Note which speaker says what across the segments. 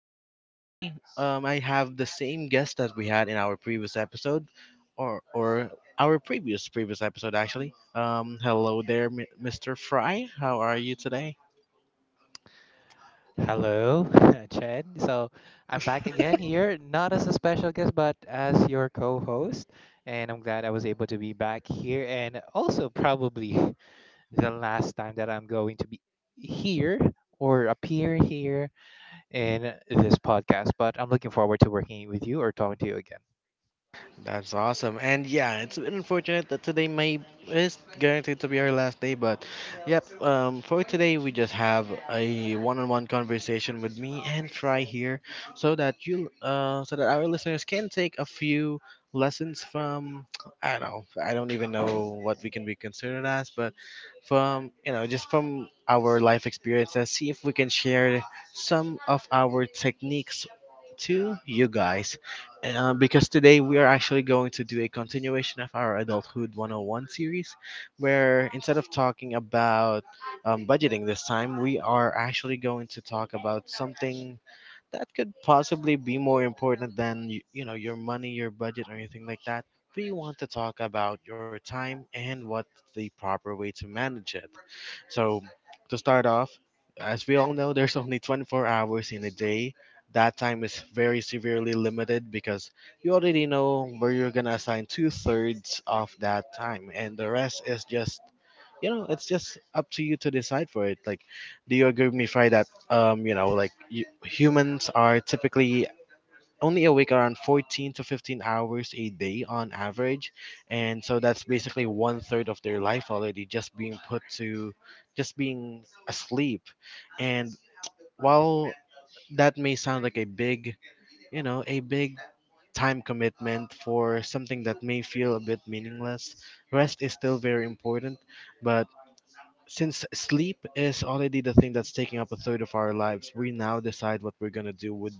Speaker 1: And today, I have the same guest that we had in our previous episode, or our previous previous episode actually. Hello there, Mr. Fry. How are you today?
Speaker 2: Hello, Chen. So I'm back again here, not as a special guest, but as your co host. And I'm glad I was able to be back here. And also, probably the last time that I'm going to be here or appear here in this podcast. But I'm looking forward to working with you or talking to you again.
Speaker 1: That's awesome. And yeah, it's a bit unfortunate that today may is guaranteed to be our last day, but yep, for today we just have a one-on-one conversation with me and Try here so that you so that our listeners can take a few lessons from I don't know, I don't even know what we can be considered as, but from just from our life experiences, see if we can share some of our techniques to you guys, because today we are actually going to do a continuation of our Adulthood 101 series, where instead of talking about budgeting this time, we are actually going to talk about something that could possibly be more important than you know, your money, your budget, or anything like that. We want to talk about your time and what's the proper way to manage it. So, to start off, as we all know, there's only 24 hours in a day. That time is very severely limited because you already know where you're gonna assign two-thirds of that time, and the rest is just, you know, it's just up to you to decide for it. Like, do you agree with me, Fry, that, you know, like you, humans are typically only awake around 14 to 15 hours a day on average, and so that's basically one third of their life already just being put to just being asleep? And while that may sound like a big time commitment for something that may feel a bit meaningless, rest is still very important. But since sleep is already the thing that's taking up a third of our lives, we now decide what we're going to do with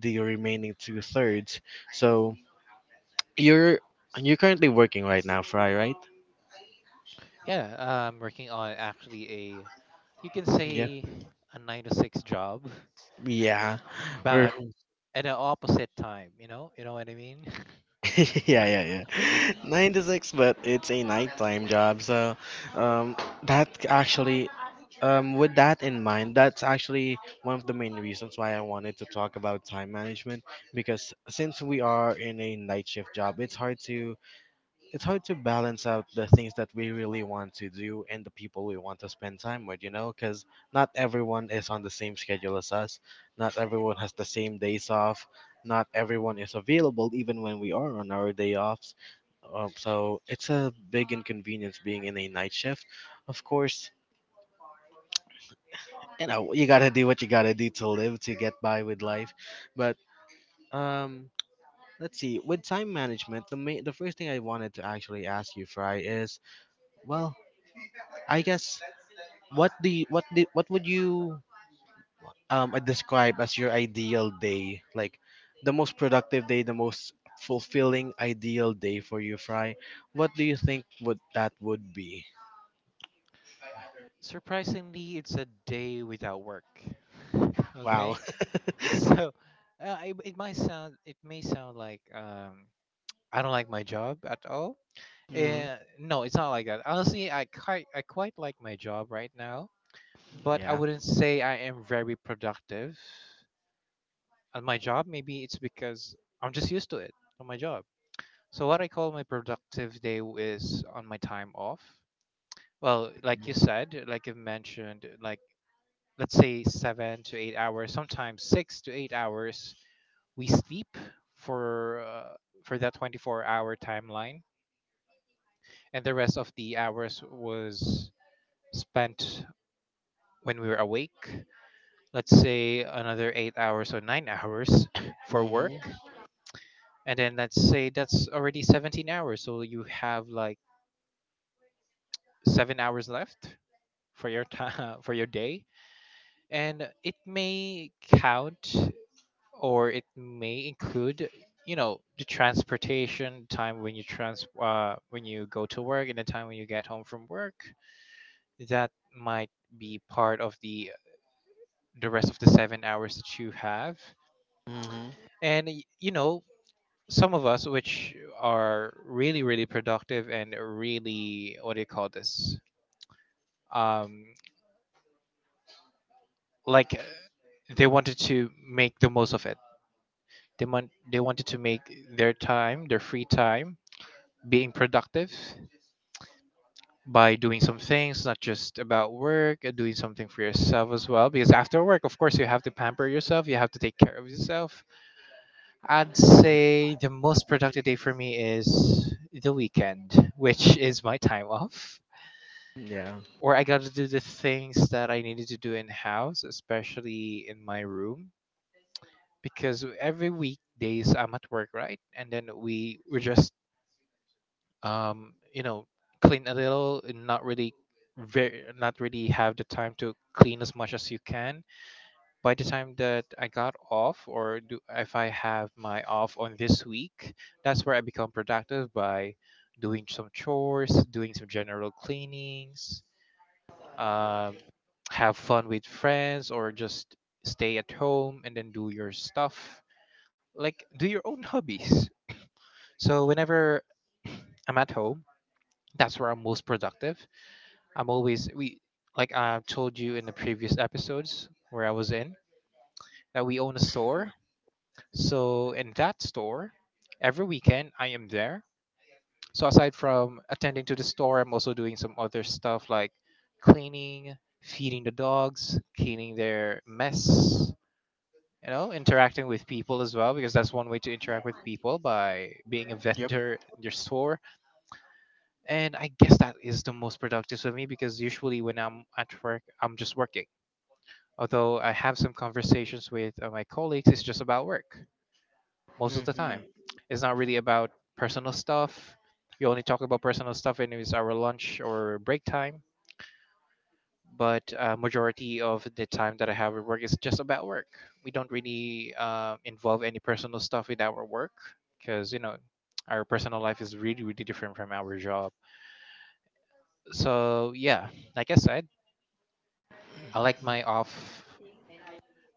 Speaker 1: the remaining two thirds. So you're you're currently working right now, Fry, right?
Speaker 2: Yeah, I'm working on actually a, you can
Speaker 1: Yeah.
Speaker 2: say, a nine to six job,
Speaker 1: Yeah. We're
Speaker 2: but at the opposite time, you know? You know what I mean?
Speaker 1: yeah, yeah, yeah. Nine to six, but it's a nighttime job, so um that actually, with that in mind, that's actually one of the main reasons why I wanted to talk about time management, because since we are in a night shift job, it's hard to balance out the things that we really want to do and the people we want to spend time with, you know, because not everyone is on the same schedule as us. Not everyone has the same days off. Not everyone is available even when we are on our day offs. So it's a big inconvenience being in a night shift. Of course, you know, you gotta do what you gotta do to live, to get by with life. But um, let's see, with time management, the first thing I wanted to actually ask you, Fry, is, well, I guess, what do you, what the what would you describe as your ideal day? Like the most productive day, the most fulfilling ideal day for you, Fry. What do you think would be?
Speaker 2: Surprisingly, it's a day without work.
Speaker 1: Wow.
Speaker 2: Okay, so it might sound it may sound like I don't like my job at all.
Speaker 1: mm,
Speaker 2: Uh, no, it's not like that. Honestly, I quite like my job right now, but I
Speaker 1: yeah.
Speaker 2: wouldn't say I am very productive at my job. Maybe it's because I'm just used to it on my job. So what I call my productive day is on my time off. Well, like you
Speaker 1: Mm-hmm.
Speaker 2: said, like you mentioned, like let's say 7 to 8 hours, sometimes 6 to 8 hours, we sleep for uh, for that 24-hour timeline, and the rest of the hours was spent when we were awake. Let's say another 8 hours or 9 hours for work, and then let's say that's already 17 hours. So you have like 7 hours left for your time for your day, and it may count or it may include, you know, the transportation time when you trans when you go to work and the time when you get home from work. That might be part of the rest of the 7 hours that you have.
Speaker 1: Mm-hmm.
Speaker 2: And you know, some of us which are really productive and really, what do you call this, um like, they wanted to make the most of it. They want they wanted to make their time, their free time, being productive by doing some things, not just about work, doing something for yourself as well. Because after work, of course, you have to pamper yourself, you have to take care of yourself. I'd say the most productive day for me is the weekend, which is my time off.
Speaker 1: Yeah.
Speaker 2: Or I got to do the things that I needed to do in house, especially in my room, because every weekdays I'm at work, right? And then we're just um, you know, clean a little and not really very not really have the time to clean as much as you can. By the time that I got off, or do if I have my off on this week, that's where I become productive by doing some chores, doing some general cleanings, um, have fun with friends or just stay at home and then do your stuff. Like do your own hobbies. So whenever I'm at home, that's where I'm most productive. I'm always we Like I told you in the previous episodes where I was in, that we own a store. So in that store, every weekend I am there. So aside from attending to the store, I'm also doing some other stuff like cleaning, feeding the dogs, cleaning their mess, you know, interacting with people as well, because that's one way to interact with people, by being a
Speaker 1: Yep.
Speaker 2: vendor in your store. And I guess that is the most productive for me because usually when I'm at work, I'm just working. Although I have some conversations with my colleagues, it's just about work most of the time.
Speaker 1: Mm-hmm.
Speaker 2: It's not really about personal stuff. We only talk about personal stuff when it's our lunch or break time. But majority of the time that I have at work is just about work. We don't really involve any personal stuff with our work, because you know, our personal life is really different from our job. So yeah, like I said, I like my off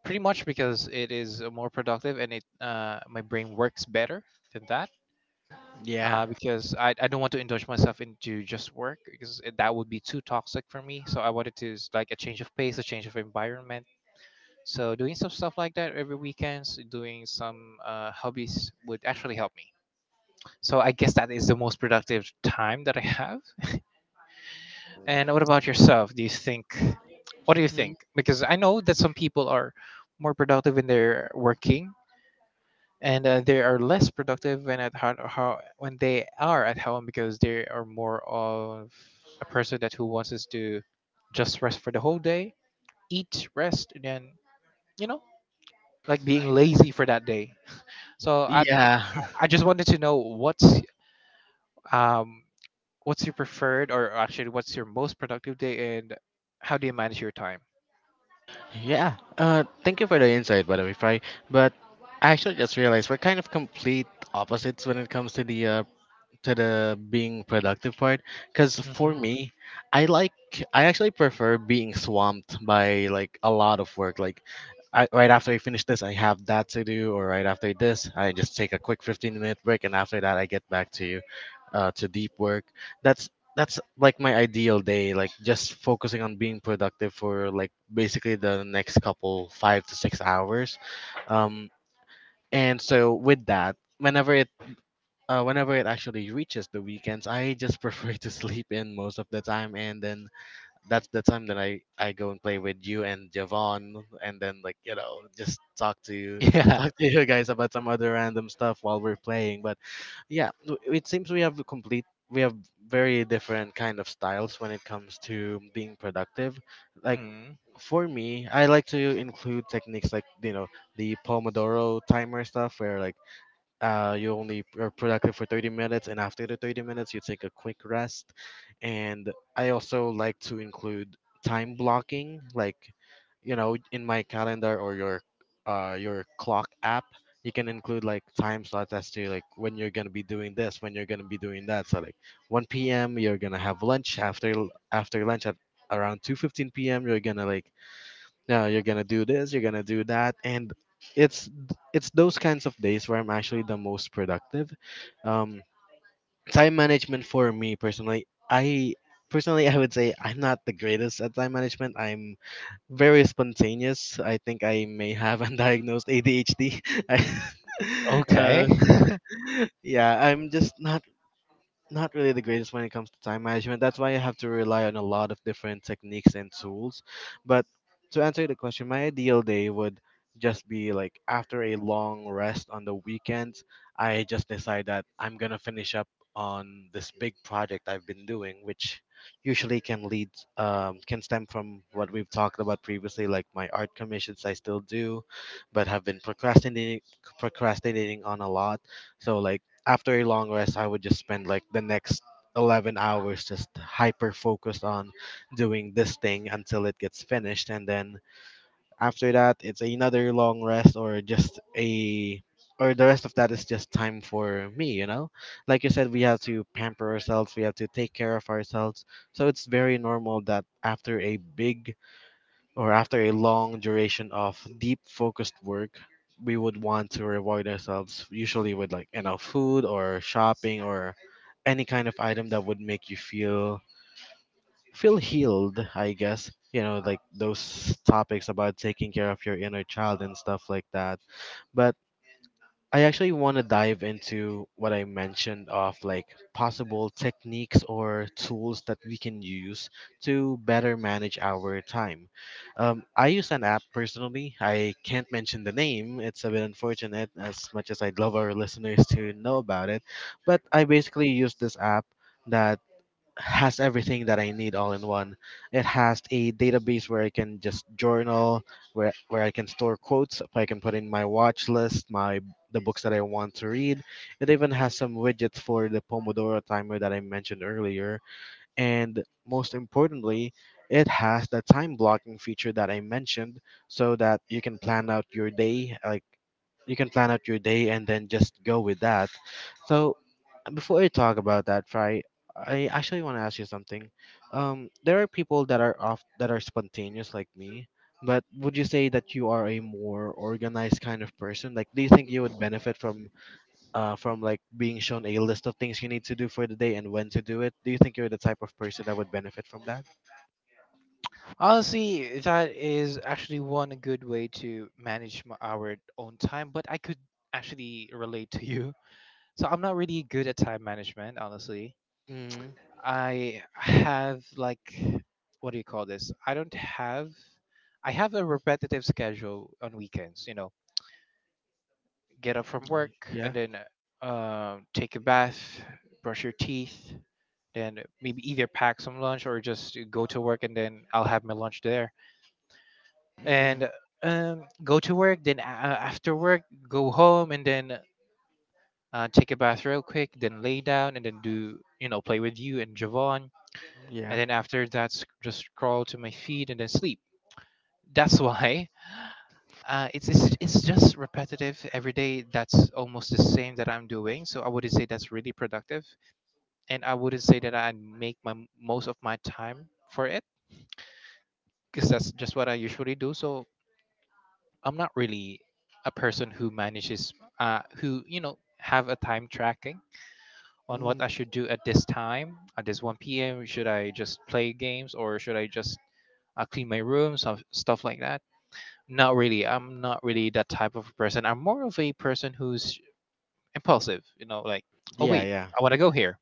Speaker 2: pretty much because it is, more productive, and it my brain works better than that.
Speaker 1: Yeah.
Speaker 2: Because I don't want to indulge myself into just work, because that would be too toxic for me. So I wanted to like a change of pace, a change of environment. So doing some stuff like that every weekends, doing some hobbies would actually help me. So I guess that is the most productive time that I have. And what about yourself? Do you think? What do you think?
Speaker 1: Mm.
Speaker 2: Because I know that some people are more productive when they're working, and they are less productive when at how when they are at home, because they are more of a person that who wants us to just rest for the whole day, eat, rest, and then you know, like being lazy for that day. So
Speaker 1: Yeah.
Speaker 2: I just wanted to know um what's your preferred, or actually what's your most productive day and how do you manage your time?
Speaker 1: Yeah. Thank you for the insight, by the way, Fry. But I actually just realized we're kind of complete opposites when it comes to the being productive part, because for
Speaker 2: Hmm.
Speaker 1: me, i like I actually prefer being swamped by like a lot of work. Like, right after I finish this I have that to do, or right after this I just take a quick 15-minute break, and after that I get back to, to deep work. that's that's like my ideal day, like just focusing on being productive for like basically the next couple 5 to 6 hours. um and so with that, whenever, whenever it actually reaches the weekends, I just prefer to sleep in most of the time, and then that's the time that I go and play with you and Javon, and then, like, you know, just talk to you,
Speaker 2: Yeah.
Speaker 1: talk to you guys about some other random stuff while we're playing. But yeah, it seems we have a complete we have very different kind of styles when it comes to being productive. Like,
Speaker 2: Mm.
Speaker 1: for me, I like to include techniques like, you know, the Pomodoro timer stuff, where like, you only are productive for 30 minutes, and after the 30 minutes, you take a quick rest. And I also like to include time blocking, like, you know, in my calendar or your, your clock app, you can include like time slots as to like when you're gonna be doing this, when you're gonna be doing that. So like 1 p.m. you're gonna have lunch. After lunch at around 2:15 p.m. you're gonna like, no, you're gonna do this, you're gonna do that. And it's it's those kinds of days where I'm actually the most productive. um Time management, for me personally, I would say I'm not the greatest at time management. I'm very spontaneous. I think I may have undiagnosed ADHD. uh
Speaker 2: Okay.
Speaker 1: yeah, I'm just not really the greatest when it comes to time management. That's why I have to rely on a lot of different techniques and tools. But to answer the question, my ideal day would just be like after a long rest on the weekends, I just decide that I'm gonna finish up on this big project I've been doing, which usually can lead, can stem from what we've talked about previously, like my art commissions I still do, but have been procrastinating on a lot. So like after a long rest, I would just spend like the next 11 hours just hyper focused on doing this thing until it gets finished. And then after that, it's another long rest or just a. Or the rest of that is just time for me, you know? Like you said, we have to pamper ourselves, we have to take care of ourselves. So it's very normal that after a big or after a long duration of deep focused work, we would want to reward ourselves usually with like enough food or shopping or any kind of item that would make you feel healed, I guess. You know, like those topics about taking care of your inner child and stuff like that. But I actually want to dive into what I mentioned of like possible techniques or tools that we can use to better manage our time. I use an app personally. I can't mention the name. It's a bit unfortunate as much as I'd love our listeners to know about it. But I basically use this app that has everything that I need all in one. It has a database where I can just journal, where I can store quotes, if I can put in my watch list, my the books that I want to read. It even has some widgets for the Pomodoro timer that I mentioned earlier. And most importantly, it has the time blocking feature that I mentioned, so that you can plan out your day. Like, you can plan out your day and then just go with that. So before I talk about that, Fry, I actually want to ask you something. There are people that are off that are spontaneous like me, but would you say that you are a more organized kind of person? Like, do you think you would benefit from, from like being shown a list of things you need to do for the day and when to do it? Do you think you're the type of person that would benefit from that?
Speaker 2: Honestly, that is actually one good way to manage my, our own time, but I could actually relate to you. So I'm not really good at time management, honestly.
Speaker 1: Mm,
Speaker 2: I have like, what do you call this? I don't have I have a repetitive schedule on weekends, you know. Get up from work and
Speaker 1: yeah.
Speaker 2: then take a bath, brush your teeth, then maybe either pack some lunch or just go to work and then I'll have my lunch there,
Speaker 1: Mhm.
Speaker 2: and um, go to work. Then after work, go home and then take a bath real quick. Then lay down and then do, you know, play with you and Javon.
Speaker 1: Yeah.
Speaker 2: And then after that, just scroll to my feed and then sleep. That's why it's just repetitive every day. That's almost the same that I'm doing. So I wouldn't say that's really productive, and I wouldn't say that I make my most of my time for it, because that's just what I usually do. So I'm not really a person who manages, who, you know, have a time tracking on what
Speaker 1: Mm.
Speaker 2: I should do at this time, at this 1 p.m. Should I just play games or should I just clean my room, some stuff like that? Not really. I'm not really that type of person. I'm more of a person who's impulsive. You know, like, oh
Speaker 1: Yeah,
Speaker 2: wait,
Speaker 1: yeah.
Speaker 2: I want to go here.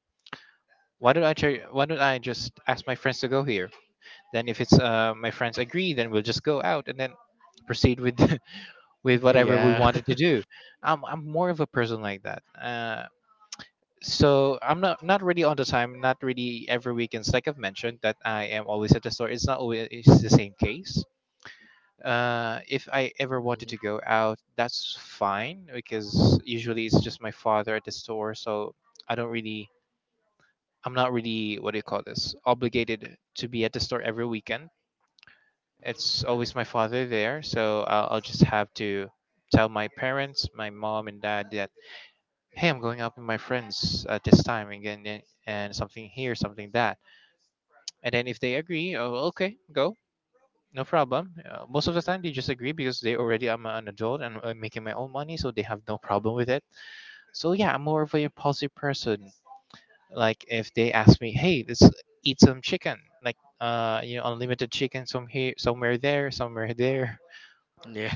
Speaker 2: Why don't I? Try, why don't I just ask my friends to go here? Then if it's my friends agree, then we'll just go out and then proceed with with whatever we
Speaker 1: Yeah.
Speaker 2: wanted to do. I'm more of a person like that. So I'm not not really on the time, not really every weekends. Like I've mentioned, that I am always at the store. It's not always it's the same case. If I ever wanted
Speaker 1: Mhm.
Speaker 2: to go out, that's fine because usually it's just my father at the store, so I don't really, I'm not really, what do you call this, obligated to be at the store every weekend. It's always my father there, so I'll just have to tell my parents, my mom and dad, that hey, I'm going out with my friends at this time again, and something here, something that. And then if they agree, oh, okay, go, no problem. Most of the time they just agree because they already I'm an adult and I'm making my own money, so they have no problem with it. So yeah, I'm more of a impulsive person. Like if they ask me, hey, let's eat some chicken, like you know, unlimited chicken some here, somewhere there, somewhere there.
Speaker 1: Yeah.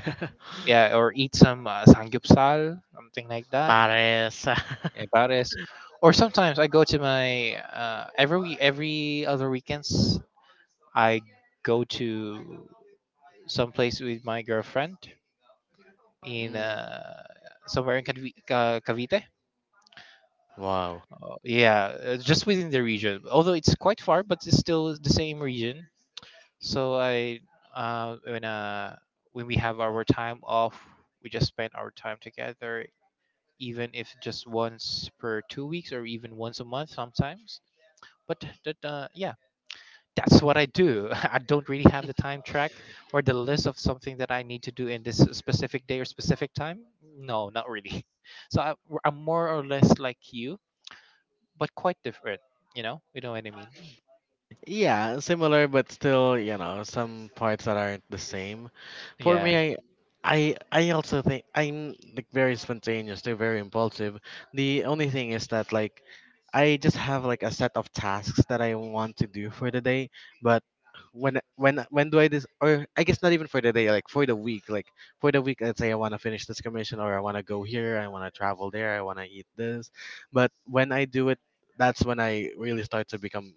Speaker 2: Yeah, or eat some samgyeopsal, something like that.
Speaker 1: Pares.
Speaker 2: About this, or sometimes I go to my every other weekends I go to some place with my girlfriend in
Speaker 1: Mm.
Speaker 2: somewhere in Cavite. Cavite.
Speaker 1: Wow.
Speaker 2: Oh, yeah, just within the region. Although it's quite far, but it's still the same region. So I uh, when uh, when we have our time off, we just spend our time together, even if just once per 2 weeks or even once a month sometimes. But that yeah, that's what I do. I don't really have the time track or the list of something that I need to do in this specific day or specific time. No, not really. So I'm more or less like you, but quite different. You know what I mean?
Speaker 1: Yeah, similar but still, you know, some parts that aren't the same. For me,
Speaker 2: Yeah,
Speaker 1: I also think I'm like very spontaneous, they very impulsive. The only thing is that, like, I just have like a set of tasks that I want to do for the day, but when do I this, or I guess not even for the day, like for the week. Like for the week, let's say I want to finish this commission or I want to go here, I want to travel there, I want to eat this, but when I do it, that's when I really start to become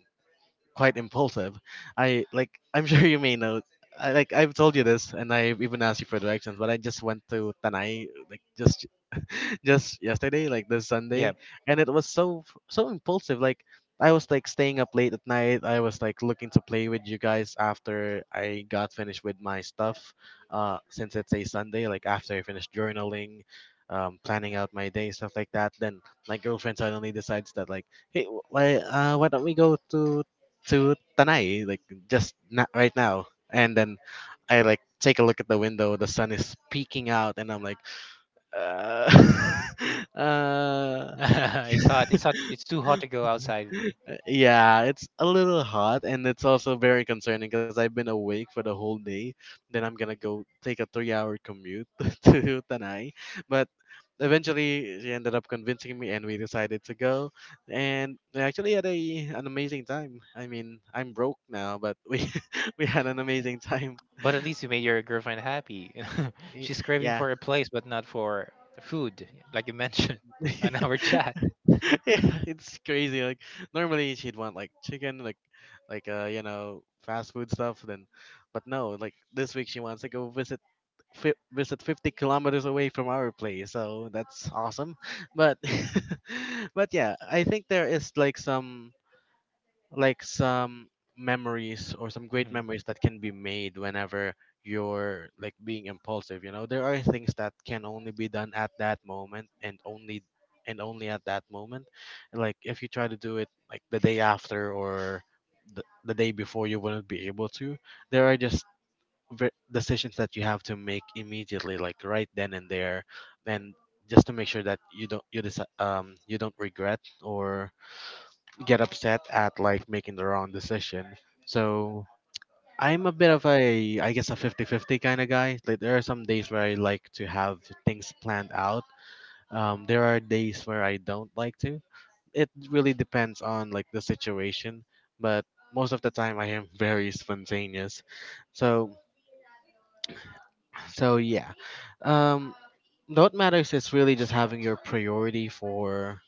Speaker 1: quite impulsive. I like, I'm sure you may know. I, like I've told you this, and I've even asked you for directions, but I just went to Tanay, like just just yesterday, like this
Speaker 2: yeah.
Speaker 1: Sunday, and it was so so impulsive. Like I was like staying up late at night. I was like looking to play with you guys after I got finished with my stuff. Since it's a Sunday, like after I finished journaling, planning out my day, stuff like that. Then my girlfriend suddenly decides that like, hey, why don't we go to Tanay, like just not right now? And then I like take a look at the window. The sun is peeking out, and I'm like, uh, uh,
Speaker 2: It's hot. It's hot. It's too hot to go outside.
Speaker 1: yeah, it's a little hot, and it's also very concerning because I've been awake for the whole day. Then I'm gonna go take a 3 hour commute to Tanay. But eventually, she ended up convincing me and we decided to go. And we actually had an amazing time. I mean, I'm broke now, but we had an amazing time.
Speaker 2: But at least you made your girlfriend happy.
Speaker 1: Y-
Speaker 2: She's craving
Speaker 1: Yeah.
Speaker 2: for a place, but not for food, like you mentioned on our chat.
Speaker 1: Yeah, it's crazy. Like normally she'd want like chicken, like you know fast food stuff. Then, but no, like this week she wants to go visit 50 kilometers away from our place. So that's awesome. But but yeah, I think there is like some memories or some great
Speaker 2: Hmm.
Speaker 1: memories that can be made whenever you're like being impulsive. You know, there are things that can only be done at that moment, and only at that moment. Like if you try to do it like the day after or the day before, you wouldn't be able to. There are just decisions that you have to make immediately, like right then and there, and just to make sure that you don't you don't regret or get upset at like making the wrong decision. So I'm a bit of I guess, a 50-50 kind of guy. Like there are some days where I like to have things planned out. There are days where I don't like to. It really depends on like the situation, but most of the time I am very spontaneous. So, so yeah. Um, what matters is really just having your priority for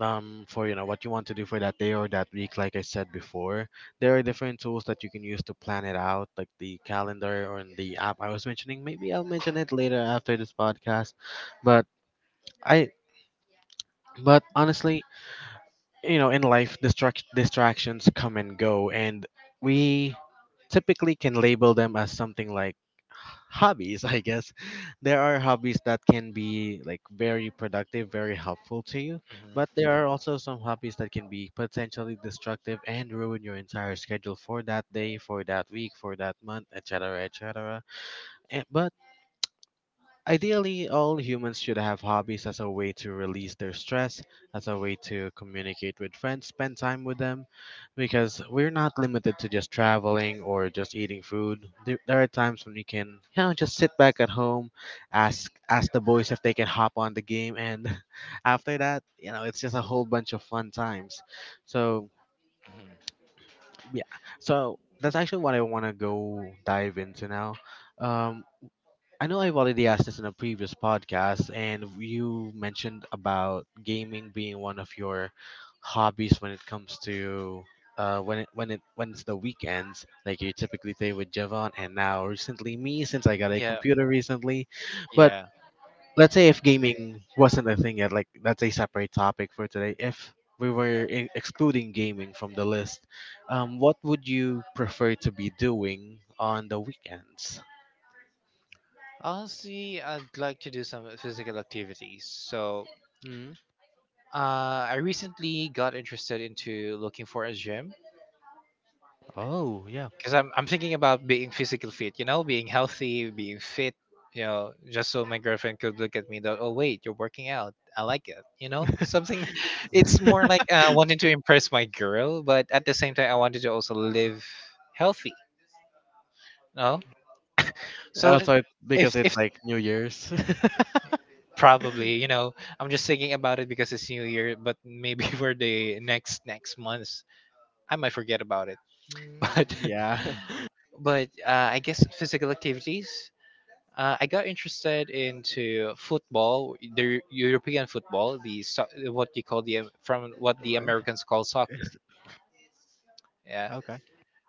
Speaker 1: you know what you want to do for that day or that week. Like I said before, there are different tools that you can use to plan it out, like the calendar or in the app I was mentioning. Maybe I'll mention it later after this podcast. But i but honestly, you know, in life, distractions come and go, and we typically can label them as something like hobbies. I guess there are hobbies that can be like very productive, very helpful to you, but
Speaker 2: Hmm.
Speaker 1: there are also some hobbies that can be potentially destructive and ruin your entire schedule for that day, for that week, for that month, et etc etc. But ideally, all humans should have hobbies as a way to release their stress, as a way to communicate with friends, spend time with them, because we're not limited to just traveling or just eating food. There are times when we can, you know, just sit back at home, ask the boys if they can hop on the game, and after that, you know, it's just a whole bunch of fun times. So yeah, so that's actually what I want to go dive into now. Um, I know I've already asked this in a previous podcast, and you mentioned about gaming being one of your hobbies when it comes to when it's the weekends. Like you typically play with Javon, and now recently me, since I got a
Speaker 2: Yeah,
Speaker 1: computer recently. But
Speaker 2: yeah.
Speaker 1: let's say if gaming wasn't a thing yet, like that's a separate topic for today. If we were in, excluding gaming from the list, what would you prefer to be doing on the weekends?
Speaker 2: Honestly, I'd like to do some physical activities. So,
Speaker 1: Hmm.
Speaker 2: I recently got interested into looking for a gym
Speaker 1: Oh, yeah.
Speaker 2: because I'm thinking about being physical fit. You know, being healthy, being fit. You know, just so my girlfriend could look at me that, oh wait, you're working out. I like it. You know, something. It's more like wanting to impress my girl, but at the same time, I wanted to also live healthy. No, so
Speaker 1: Also, it-
Speaker 2: if
Speaker 1: because
Speaker 2: if
Speaker 1: it's like New Year's.
Speaker 2: probably, you know, I'm just thinking about it because it's New Year, but maybe for the next month, I might forget about it.
Speaker 1: Mm,
Speaker 2: But
Speaker 1: yeah. Where
Speaker 2: I guess physical activities. I got interested into football, the European football, the what you call the from what the Americans call soccer.
Speaker 1: is-
Speaker 2: Yeah.
Speaker 1: okay.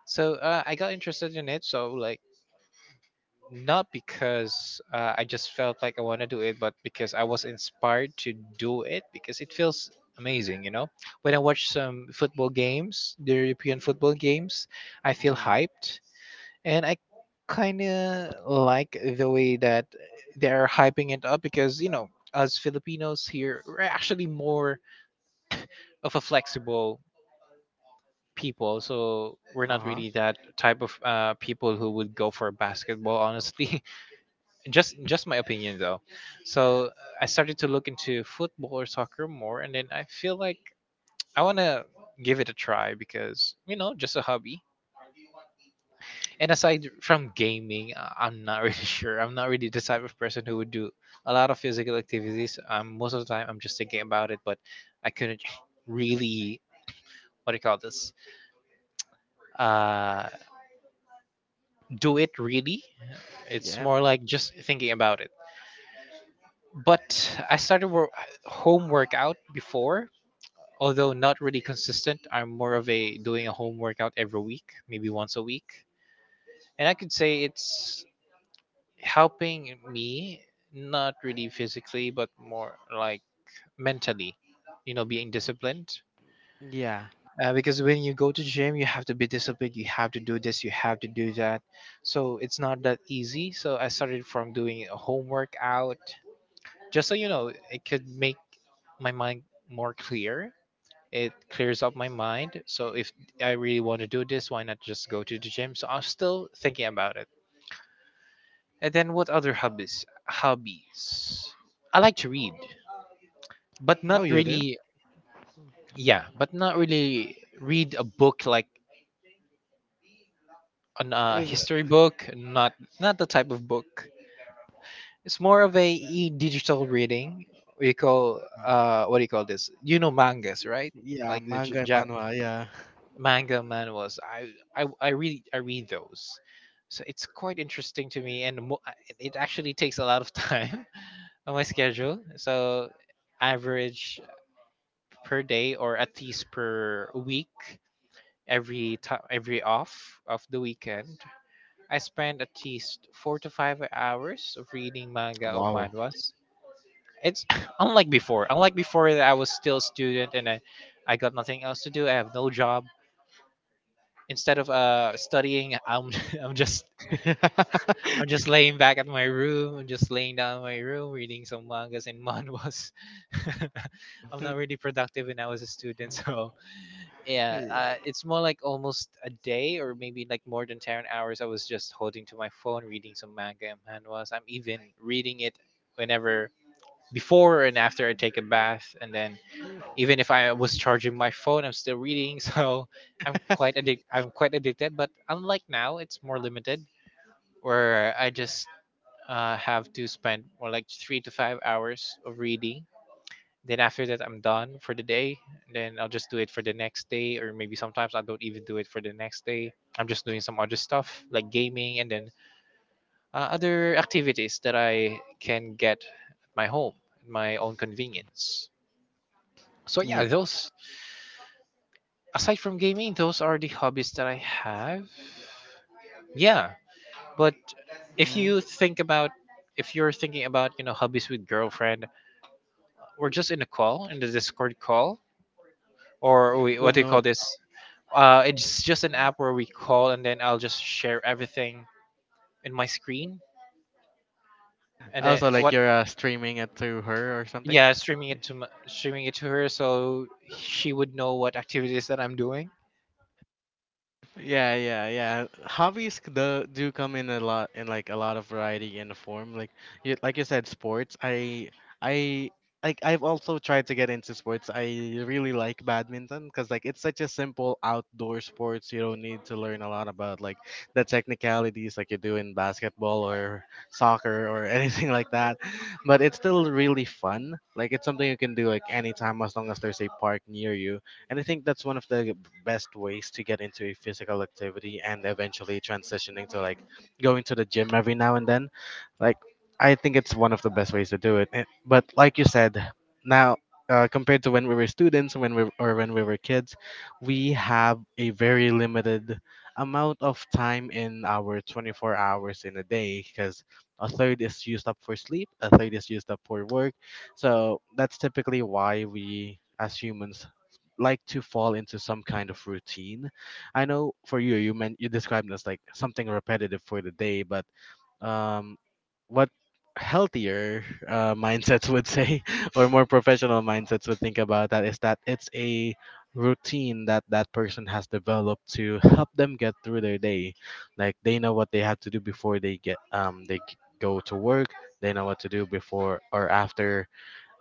Speaker 2: So I got interested in it. So like, not because I just felt like I want to do it, but because I was inspired to do it because it feels amazing, you know? When I watch some football games, the European football games, I feel
Speaker 1: Mm,
Speaker 2: hyped and I kind of like the way that they're hyping it up because, you know, us Filipinos here, we're actually more of a flexible people, so we're not
Speaker 1: uh huh.
Speaker 2: really that type of people who would go for basketball honestly. Just my opinion though. So I started to look into football or soccer more, and then I feel like I want to give it a try because, you know, just a hobby. And aside from gaming, I'm not really sure. I'm not really the type of person who would do a lot of physical activities. Most of the time I'm just thinking about it, but I couldn't really, what do you call this, uh, do it really. It's
Speaker 1: Yeah.
Speaker 2: more like just thinking about it. But I home workout before, although not really consistent. I'm more of a doing a home workout every week, maybe once a week. And I could say it's helping me, not really physically, but more like mentally, you know, being disciplined.
Speaker 1: Yeah.
Speaker 2: Because when you go to gym, you have to be disciplined. You have to do this. You have to do that. So it's not that easy. So I started from doing a home workout, just so you know, it could make my mind more clear. It clears up my mind. So if I really want to do this, why not just go to the gym? So I'm still thinking about it. And then what other hobbies? Hobbies. I like to read, but not
Speaker 1: Oh, you do?
Speaker 2: really. Yeah, but not really read a book like an
Speaker 1: Is
Speaker 2: history book. Not not the type of book. It's more of a e-digital reading. We call, what do you call this? You know mangas, right?
Speaker 1: yeah,
Speaker 2: Like the J-
Speaker 1: manga and
Speaker 2: ja
Speaker 1: manhwa. Yeah.
Speaker 2: manga manuals. I really, I read those, so it's quite interesting to me, and it actually takes a lot of time on my schedule. So average per day, or at least per week, every time every off of the weekend, I spend at least 4 to 5 hours of reading manga or
Speaker 1: Wow.
Speaker 2: manhwas. It's unlike before. Unlike before, that I was still a student and I got nothing else to do. I have no job. Instead of studying, I'm I'm just I'm just laying back at my room. I'm just laying down in my room, reading some mangas and manhwas. I'm not really productive when I was a student, so yeah, it's more like almost a day or maybe like more than 10 hours. I was just holding to my phone, reading some manga and manhwas. I'm even reading it whenever before and after I take a bath, and then even if I was charging my phone, I'm still reading, so I'm quite addicted. But unlike now, it's more limited, where I just have to spend more like 3 to 5 hours of reading. Then after that, I'm done for the day. Then I'll just do it for the next day, or maybe sometimes I don't even do it for the next day. I'm just doing some other stuff like gaming, and then other activities that I can get at my home, at my own convenience. So yeah,
Speaker 1: Yeah.
Speaker 2: those, aside from gaming, those are the hobbies that I have. Yeah, but if
Speaker 1: Mm,
Speaker 2: you think about, if you're thinking about, you know, hobbies with girlfriend, we're just in a call, in the Discord call, or we,
Speaker 1: don't
Speaker 2: what do you
Speaker 1: know.
Speaker 2: call this? It's just an app where we call and then I'll just share everything in my screen and then
Speaker 1: Also, like
Speaker 2: what,
Speaker 1: you're streaming it to her or something.
Speaker 2: yeah, streaming it to her, so she would know what activities that I'm doing.
Speaker 1: Yeah, yeah, yeah. Hobbies c- the do come in a lot in like a lot of variety and form. Like you said, sports. I Like I've also tried to get into sports. I really like badminton because like it's such a simple outdoor sports. You don't need to learn a lot about like the technicalities like you do in basketball or soccer or anything like that. But it's still really fun. Like it's something you can do like anytime as long as there's a park near you. And I think that's one of the best ways to get into a physical activity and eventually transitioning to like going to the gym every now and then. Like, I think it's one of the best ways to do it. And- But like you said, now compared to when we were students, when we or when we were kids, we have a very limited amount of time in our 24 hours in a day because a third is used up for sleep, a third is used up for work. So that's typically why we as humans like to fall into some kind of routine. I know for you, you meant you described it as like something repetitive for the day, but um, what healthier mindsets would say or more professional mindsets would think about that is that it's a routine that that person has developed to help them get through their day. Like they know what they have to do before they get they g- go to work. They know what to do before or after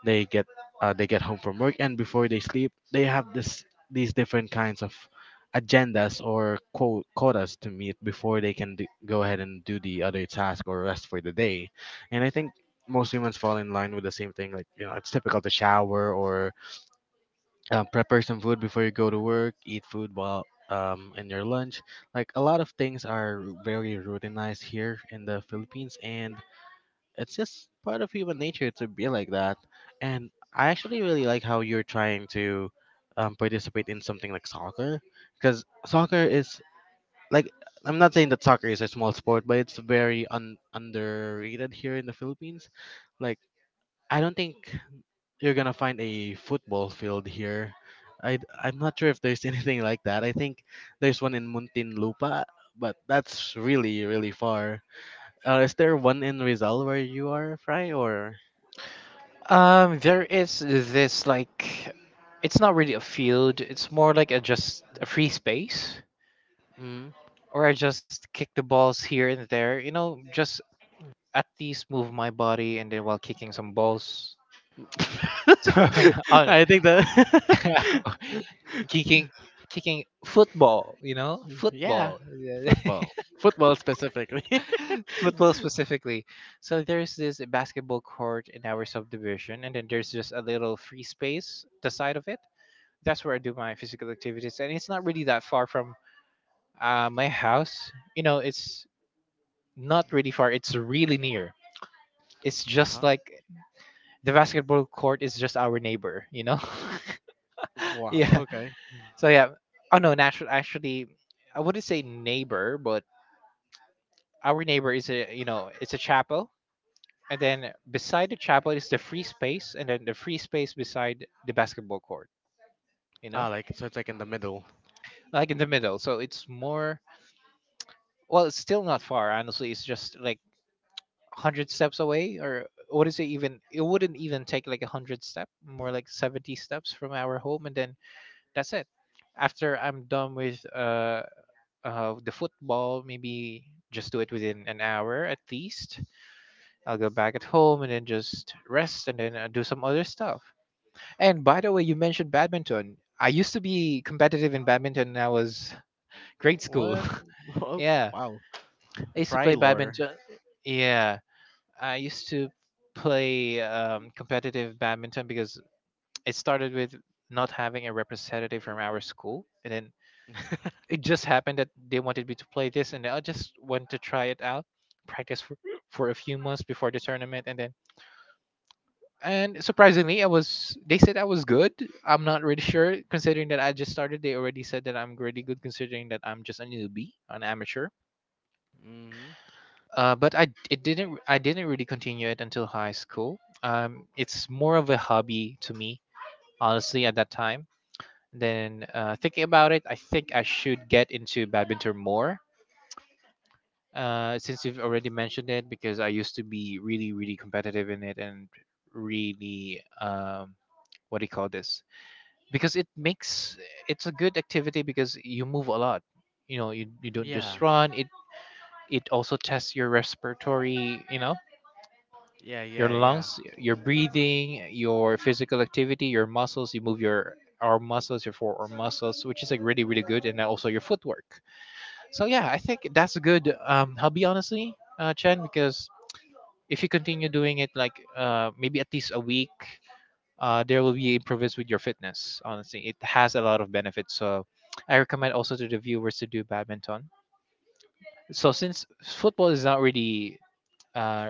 Speaker 1: they get they get home from work, and before they sleep, they have this these different kinds of agendas or quote quotas to meet before they can go ahead and do the other task or rest for the day. And I think most humans fall in line with the same thing. Like you know, it's typical to shower or prepare some food before you go to work, eat food while in your lunch. Like a lot of things are very routinized here in the Philippines, and it's just part of human nature to be like that. And I actually really like how you're trying to participate in something like soccer, because soccer is like I'm not saying that soccer is a small sport, but it's very underrated here in the Philippines. Like I don't think you're gonna find a football field here. I'm not sure if there's anything like that. I think there's one in Muntinlupa, but that's really really far. Is there one in Rizal where you are, Fry, or?
Speaker 2: There is this like, it's not really a field. It's more like a just a free space,
Speaker 1: Mm.
Speaker 2: or I just kick the balls here and there. You know, just at least move my body, and then while kicking some balls, so, oh,
Speaker 1: I think
Speaker 2: no,
Speaker 1: the
Speaker 2: kicking, kicking football. You know,
Speaker 1: yeah,
Speaker 2: football, yeah,
Speaker 1: football, football specifically.
Speaker 2: football specifically. So there's this basketball court in our subdivision, and then there's just a little free space the side of it, that's where I do my physical activities, and it's not really that far from my house. You know, it's not really far. It's really near. It's
Speaker 1: Uh huh.
Speaker 2: just like the basketball court is just our neighbor. You know,
Speaker 1: Wow.
Speaker 2: yeah.
Speaker 1: Okay.
Speaker 2: So yeah. Oh no, natural. Actually, I wouldn't say neighbor, but our neighbor is a, you know, it's a chapel, and then beside the chapel is the free space, and then the free space beside the basketball court. You
Speaker 1: Ah,
Speaker 2: know,
Speaker 1: like so, it's like in the middle.
Speaker 2: like in the middle. So it's more. Well, it's still not far. Honestly, it's just like 100 steps away, or what is it even? It wouldn't even take like 100 step, more like 70 steps from our home, and then that's it. After I'm done with the football, maybe just do it within an hour at least. I'll go back at home and then just rest and then do some other stuff. And by the way, you mentioned badminton. I used to be competitive in badminton when I was grade school.
Speaker 1: What? Oh,
Speaker 2: Yeah,
Speaker 1: wow.
Speaker 2: I used to
Speaker 1: Fry
Speaker 2: play
Speaker 1: lore.
Speaker 2: badminton. Yeah, I used to play competitive badminton because it started with not having a representative from our school, and then it just happened that they wanted me to play this, and I just went to try it out, practice for a few months before the tournament, and then, and surprisingly, I was. They said I was good. I'm not really sure, considering that I just started. They already said that I'm really good, considering that I'm just a newbie, an amateur.
Speaker 1: Hmm.
Speaker 2: But I it didn't really continue it until high school. It's more of a hobby to me, honestly, at that time. Then thinking about it, I think I should get into badminton more. Since you've already mentioned it, because I used to be really really competitive in it, and really, what do you call this? Because it makes, it's a good activity because you move a lot. You know, you don't
Speaker 1: Yeah.
Speaker 2: just run. It also tests your respiratory, you know,
Speaker 1: Yeah.
Speaker 2: your
Speaker 1: Yeah. Yeah.
Speaker 2: lungs, your breathing, your physical activity, your muscles. You move your arm muscles, your forearm muscles, which is like really, really good, and also your footwork. So yeah, I think that's a good hobby, honestly, Chen, because if you continue doing it like, maybe at least a week, there will be improvements with your fitness. Honestly, it has a lot of benefits. So I recommend also to the viewers to do badminton. So since football is not really, uh,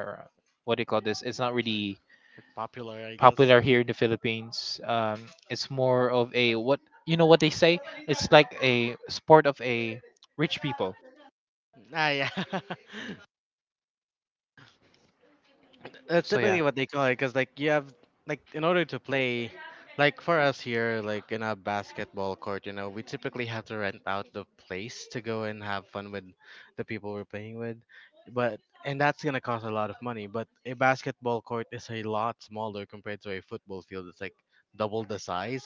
Speaker 2: what do you call this? It's not really
Speaker 1: Like popular, I guess.
Speaker 2: popular here in the Philippines. It's more of a what, you know, what they say. It's like a sport of a rich people.
Speaker 1: Ah, yeah. That's
Speaker 2: So
Speaker 1: typically
Speaker 2: yeah,
Speaker 1: what they call it, because like you have like in order to play, like for us here, like in a basketball court, you know, we typically have to rent out the place to go and have fun with the people we're playing with, but and that's gonna cost a lot of money. But a basketball court is a lot smaller compared to a football field. It's like double the size,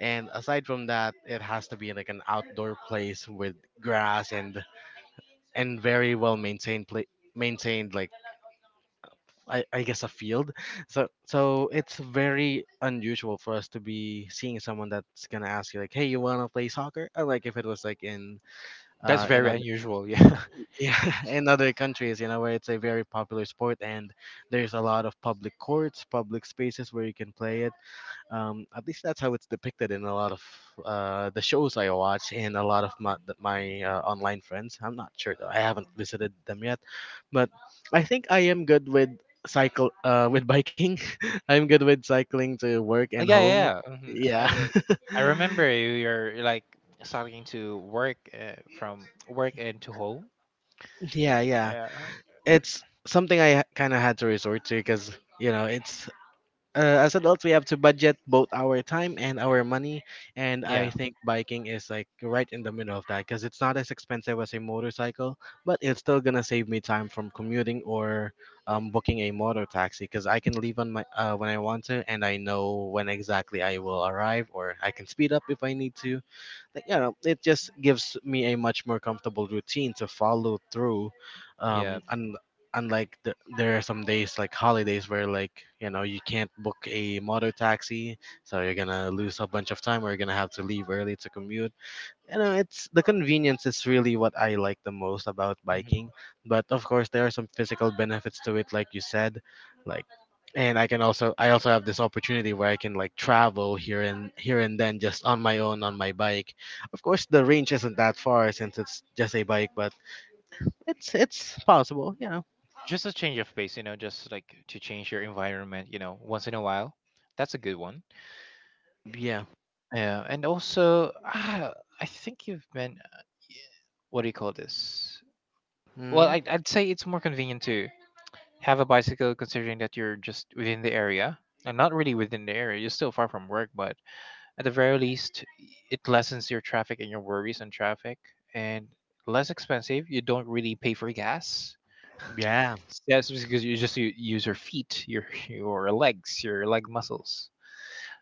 Speaker 1: and aside from that, it has to be like an outdoor place with grass and very well maintained play maintained like I guess a field. So so it's very unusual for us to be seeing someone that's gonna ask you like, hey, you wanna play soccer? Or like if it was like
Speaker 2: that's
Speaker 1: in
Speaker 2: very
Speaker 1: other
Speaker 2: unusual. Yeah.
Speaker 1: yeah in other countries, you know, where it's a very popular sport, and there's a lot of public courts, public spaces where you can play it. At least that's how it's depicted in a lot of the shows I watch and a lot of my, online friends. I'm not sure though. I haven't visited them yet, but I think I am good with cycle with biking. I'm good with cycling to work
Speaker 2: Oh,
Speaker 1: and
Speaker 2: yeah, yeah,
Speaker 1: home.
Speaker 2: yeah. Hmm. I
Speaker 1: Yeah.
Speaker 2: I I remember you are like starting to work from work and to home.
Speaker 1: Yeah, yeah.
Speaker 2: Yeah.
Speaker 1: It's something I kind of had to resort to because, you know, it's uh, as adults we have to budget both our time and our money, and I
Speaker 2: Yeah,
Speaker 1: think biking is like right in the middle of that because it's not as expensive as a motorcycle, but it's still gonna save me time from commuting or booking a motor taxi because I can leave on my when I want to, and I know when exactly I will arrive, or I can speed up if I need to. Like, you know, it just gives me a much more comfortable routine to follow through.
Speaker 2: yeah.
Speaker 1: And there are some days like holidays where, like, you know, you can't book a motor taxi, so you're gonna lose a bunch of time, or you're gonna have to leave early to commute. You know, it's the convenience is really what I like the most about
Speaker 2: Hmm.
Speaker 1: biking. But of course there are some physical benefits to it, like you said. Like, and I also have this opportunity where I can like travel here and here and then just on my own on my bike. Of course the range isn't that far since it's just a bike, but it's possible, you know.
Speaker 2: Just a change of pace, you know, just like to change your environment, you know, once in a while. That's a good one.
Speaker 1: Yeah.
Speaker 2: Yeah, and also ah, I think you've been, what do you call this? Well,
Speaker 1: mm,
Speaker 2: I'd say it's more convenient to have a bicycle considering that you're just within the area. And not really within the area, you're still far from work, but at the very least, it lessens your traffic and your worries on traffic. And less expensive, you don't really pay for gas.
Speaker 1: yeah,
Speaker 2: That's because you just use your feet, your your legs, your leg muscles.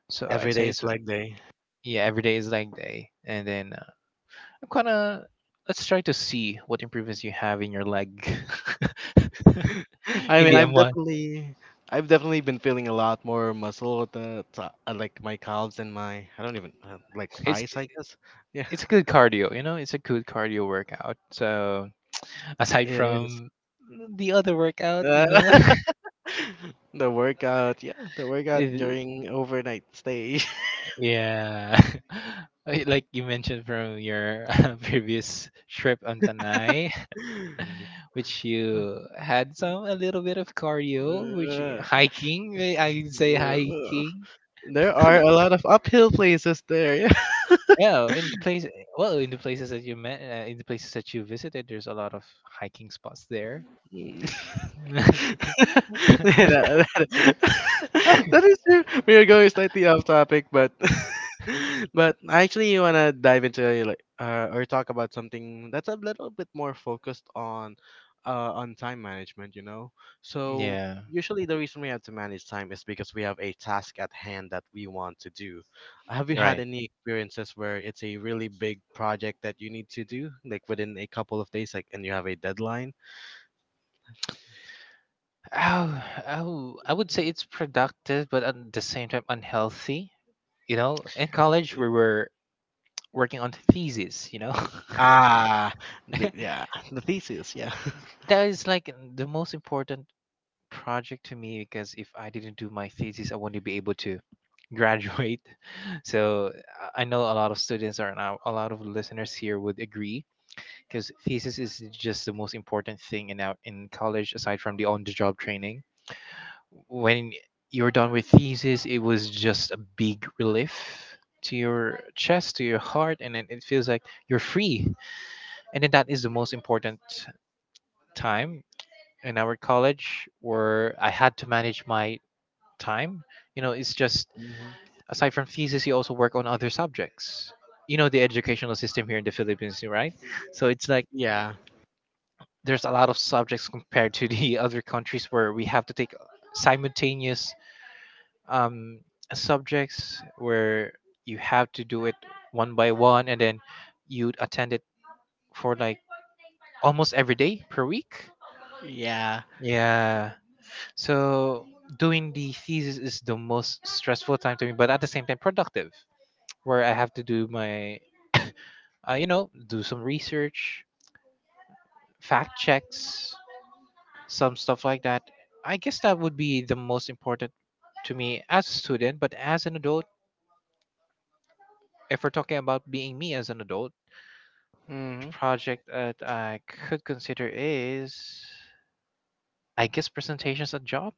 Speaker 2: So I'd
Speaker 1: every day
Speaker 2: say it's,
Speaker 1: is leg day.
Speaker 2: yeah, every day is leg day, and then I'm kinda. Let's try to see what improvements you have in your leg.
Speaker 1: I mean,
Speaker 2: Maybe a one.
Speaker 1: I've definitely been feeling a lot more muscle at the like my calves and my I don't even like
Speaker 2: It's
Speaker 1: thighs, I guess. Yeah,
Speaker 2: it's a good cardio, you know. It's a good cardio workout. So aside
Speaker 1: it
Speaker 2: from
Speaker 1: is.
Speaker 2: the other workout, you
Speaker 1: Uh,
Speaker 2: know,
Speaker 1: the workout
Speaker 2: it-
Speaker 1: during overnight stay.
Speaker 2: yeah. Like you mentioned from your previous trip on Tanai, which you had some a little bit of cardio, which
Speaker 1: Uh,
Speaker 2: hiking. I would say
Speaker 1: uh, uh,
Speaker 2: hiking.
Speaker 1: there are a lot of uphill places there.
Speaker 2: Yeah, well, in the places that you met, in the places that you visited, there's a lot of hiking spots there.
Speaker 1: Yeah.
Speaker 2: okay.
Speaker 1: Yeah, that that is true. We are going slightly off topic, but but I actually wanna dive into like or talk about something that's a little bit more focused on time management. You know, so
Speaker 2: Yeah.
Speaker 1: usually the reason we have to manage time is because we have a task at hand that we want to do. Have you had
Speaker 2: Right.
Speaker 1: any experiences where it's a really big project that you need to do, like within a couple of days, like, and you have a deadline?
Speaker 2: Oh, oh, I would say it's productive, but at the same time unhealthy. You know, in college we were working on thesis. You know,
Speaker 1: Ah, the, yeah, the thesis, yeah.
Speaker 2: that is like the most important project to me because if I didn't do my thesis, I wouldn't be able to graduate. So I know a lot of students are now a lot of listeners here would agree because thesis is just the most important thing in out in college aside from the on-the-job training. When you're done with thesis, it was just a big relief to your chest, to your heart, and then it feels like you're free. And then that is the most important time in our college where I had to manage my time. You know, it's just
Speaker 1: Mhm.
Speaker 2: aside from thesis, you also work on other subjects. You know the educational system here in the Philippines, right? So it's like
Speaker 1: Yeah,
Speaker 2: there's a lot of subjects compared to the other countries where we have to take simultaneous um, subjects where you have to do it one by one and then you'd attend it for like almost every day per week.
Speaker 1: yeah.
Speaker 2: Yeah. So doing the thesis is the most stressful time to me, but at the same time productive, where I have to do my, you know, do some research, fact checks, some stuff like that. I guess that would be the most important to me as a student, but as an adult, if we're talking about being me as an adult, the
Speaker 1: Mm-hmm.
Speaker 2: project that I could consider is, I guess, presentations at job.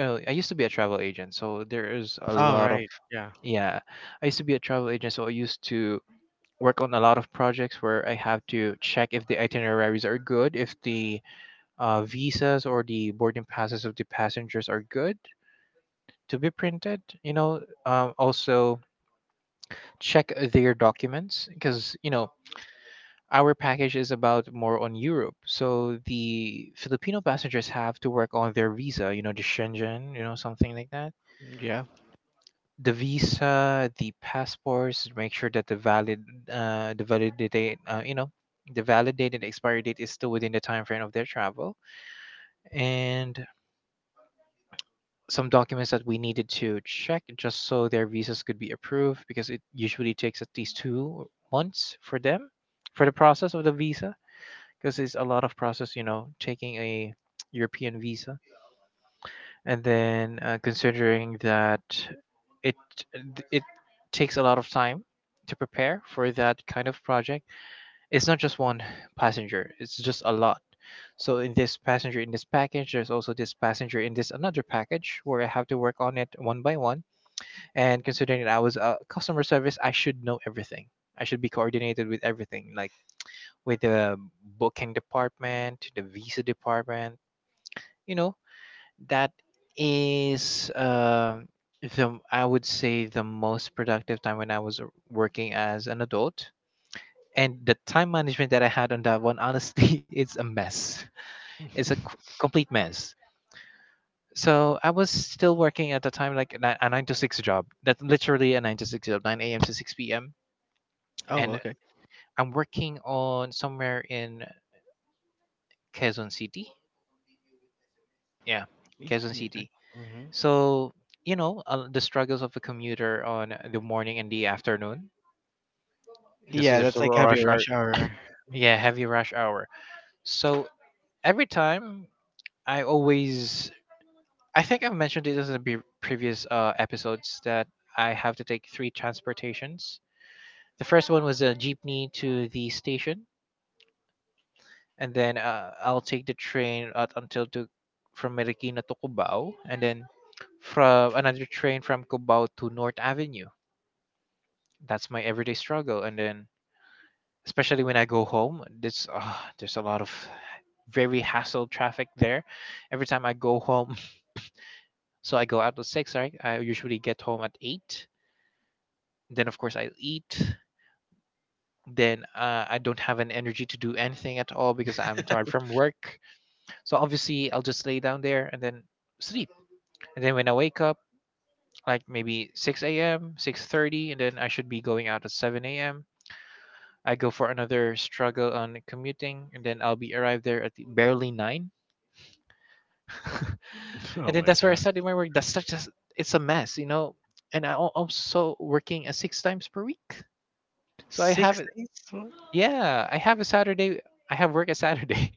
Speaker 2: I used to be a travel agent, so there is a
Speaker 1: Oh,
Speaker 2: lot of,
Speaker 1: right, yeah,
Speaker 2: yeah. I used to be a travel agent, so I used to work on a lot of projects where I have to check if the itineraries are good, if the visas or the boarding passes of the passengers are good to be printed. You know, also check their documents because you know our package is about more on Europe. So the Filipino passengers have to work on their visa, you know, the Shenzhen, you know, something like that.
Speaker 1: yeah.
Speaker 2: The visa, the passports, make sure that the valid, the validity, you know, the validated expiry date is still within the time frame of their travel, and some documents that we needed to check just so their visas could be approved because it usually takes at least 2 months for them for the process of the visa because it's a lot of process, you know, taking a European visa, and then considering that it it takes a lot of time to prepare for that kind of project. It's not just one passenger; it's just a lot. So in this passenger in this package, there's also this passenger in this another package where I have to work on it one by one. And considering that I was a customer service, I should know everything. I should be coordinated with everything, like with the booking department, the visa department, you know that is the, I would say, the most productive time when I was working as an adult. And the time management that I had on that one, honestly, it's a mess. It's a complete mess. So I was still working at the time like a 9 to 6 job. That's literally a 9 to 6 job, 9 a.m to 6 p.m.
Speaker 1: Oh,
Speaker 2: And
Speaker 1: okay.
Speaker 2: I'm working on somewhere in Quezon City. Yeah, Quezon City.
Speaker 1: Yeah, mm-hmm.
Speaker 2: So, you know, the struggles of a commuter on the morning and the afternoon because
Speaker 1: Yeah,
Speaker 2: there's a
Speaker 1: that's like heavy
Speaker 2: rush hour.
Speaker 1: rush hour.
Speaker 2: Yeah, heavy rush hour. So every time I always, I think I've mentioned it in the previous episodes that I have to take three transportations. The first one was a jeepney to the station, and then I'll take the train out until to from Marikina to Cubao, and then from another train from Cubao to North Avenue. That's my everyday struggle. And then, especially when I go home, there's a lot of very hassle traffic there. Every time I go home, so I go out at six, right? I usually get home at eight. Then of course I eat. Then I don't have an energy to do anything at all because I'm tired from work. So obviously I'll just lay down there and then sleep. And then when I wake up, like maybe 6 a.m., 6:30, and then I should be going out at 7 a.m. I go for another struggle on commuting, and then I'll be arrived there at barely nine, and
Speaker 1: Oh
Speaker 2: then
Speaker 1: my
Speaker 2: that's where I
Speaker 1: god,
Speaker 2: started my work. That's such a it's a mess, you know. And also working six times per week, so I have
Speaker 1: six
Speaker 2: it.
Speaker 1: days?
Speaker 2: Yeah, I have a Saturday. I have work a Saturday.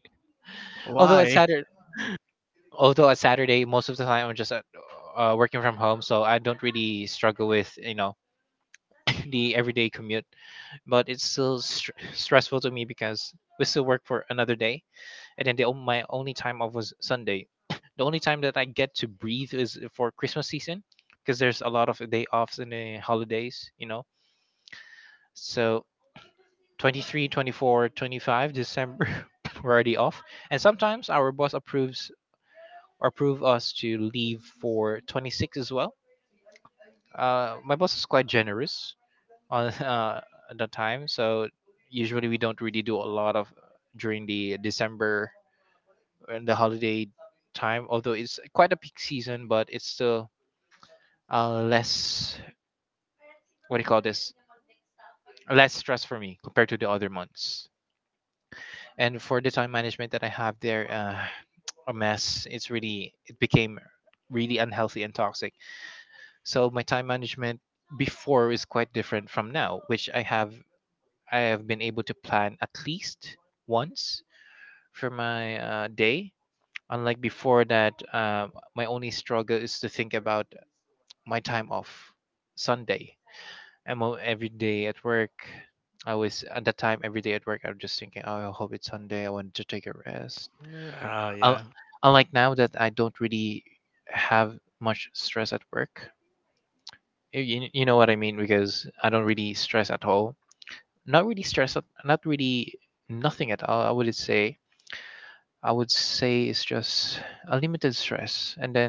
Speaker 2: although a
Speaker 1: Why?
Speaker 2: Saturday, Although a Saturday, most of the time I'm just at, working from home, so I don't really struggle with, you know, the everyday commute. But it's still stressful to me because we still work for another day, and then my only time off was Sunday. The only time that I get to breathe is for Christmas season because there's a lot of day offs and the holidays, you know. So 23, 24, 25 December we're already off, and sometimes our boss approves or approve us to leave for 26 as well. My boss is quite generous on, at that time, so usually we don't really do a lot of during the December in the holiday time. Although it's quite a peak season, but it's still less, what do you call this? Less stress for me compared to the other months. And for the time management that I have there, a mess. It's really it became really unhealthy and toxic. So my time management before is quite different from now, which I have been able to plan at least once for my day. Unlike before, that my only struggle is to think about my time off Sunday. I'm all, every day at work. I was at that time every day at work. I was just thinking, oh, I hope it's Sunday. I want to take a rest.
Speaker 1: Oh
Speaker 2: Un-
Speaker 1: yeah,
Speaker 2: Unlike now that I don't really have much stress at work. You know what I mean because I don't really stress at all. Not really stress. Not really nothing at all, I would say. I would say it's just a limited stress. And then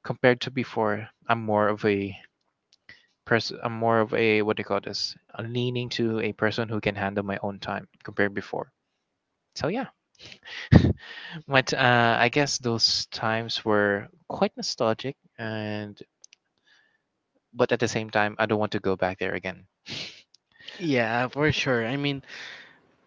Speaker 2: compared to before, I'm more of a I'm more of a, what do you call this? A leaning to a person who can handle my own time compared before. So yeah, but I guess those times were quite nostalgic, and but at the same time, I don't want to go back there again.
Speaker 1: yeah, for sure. I mean,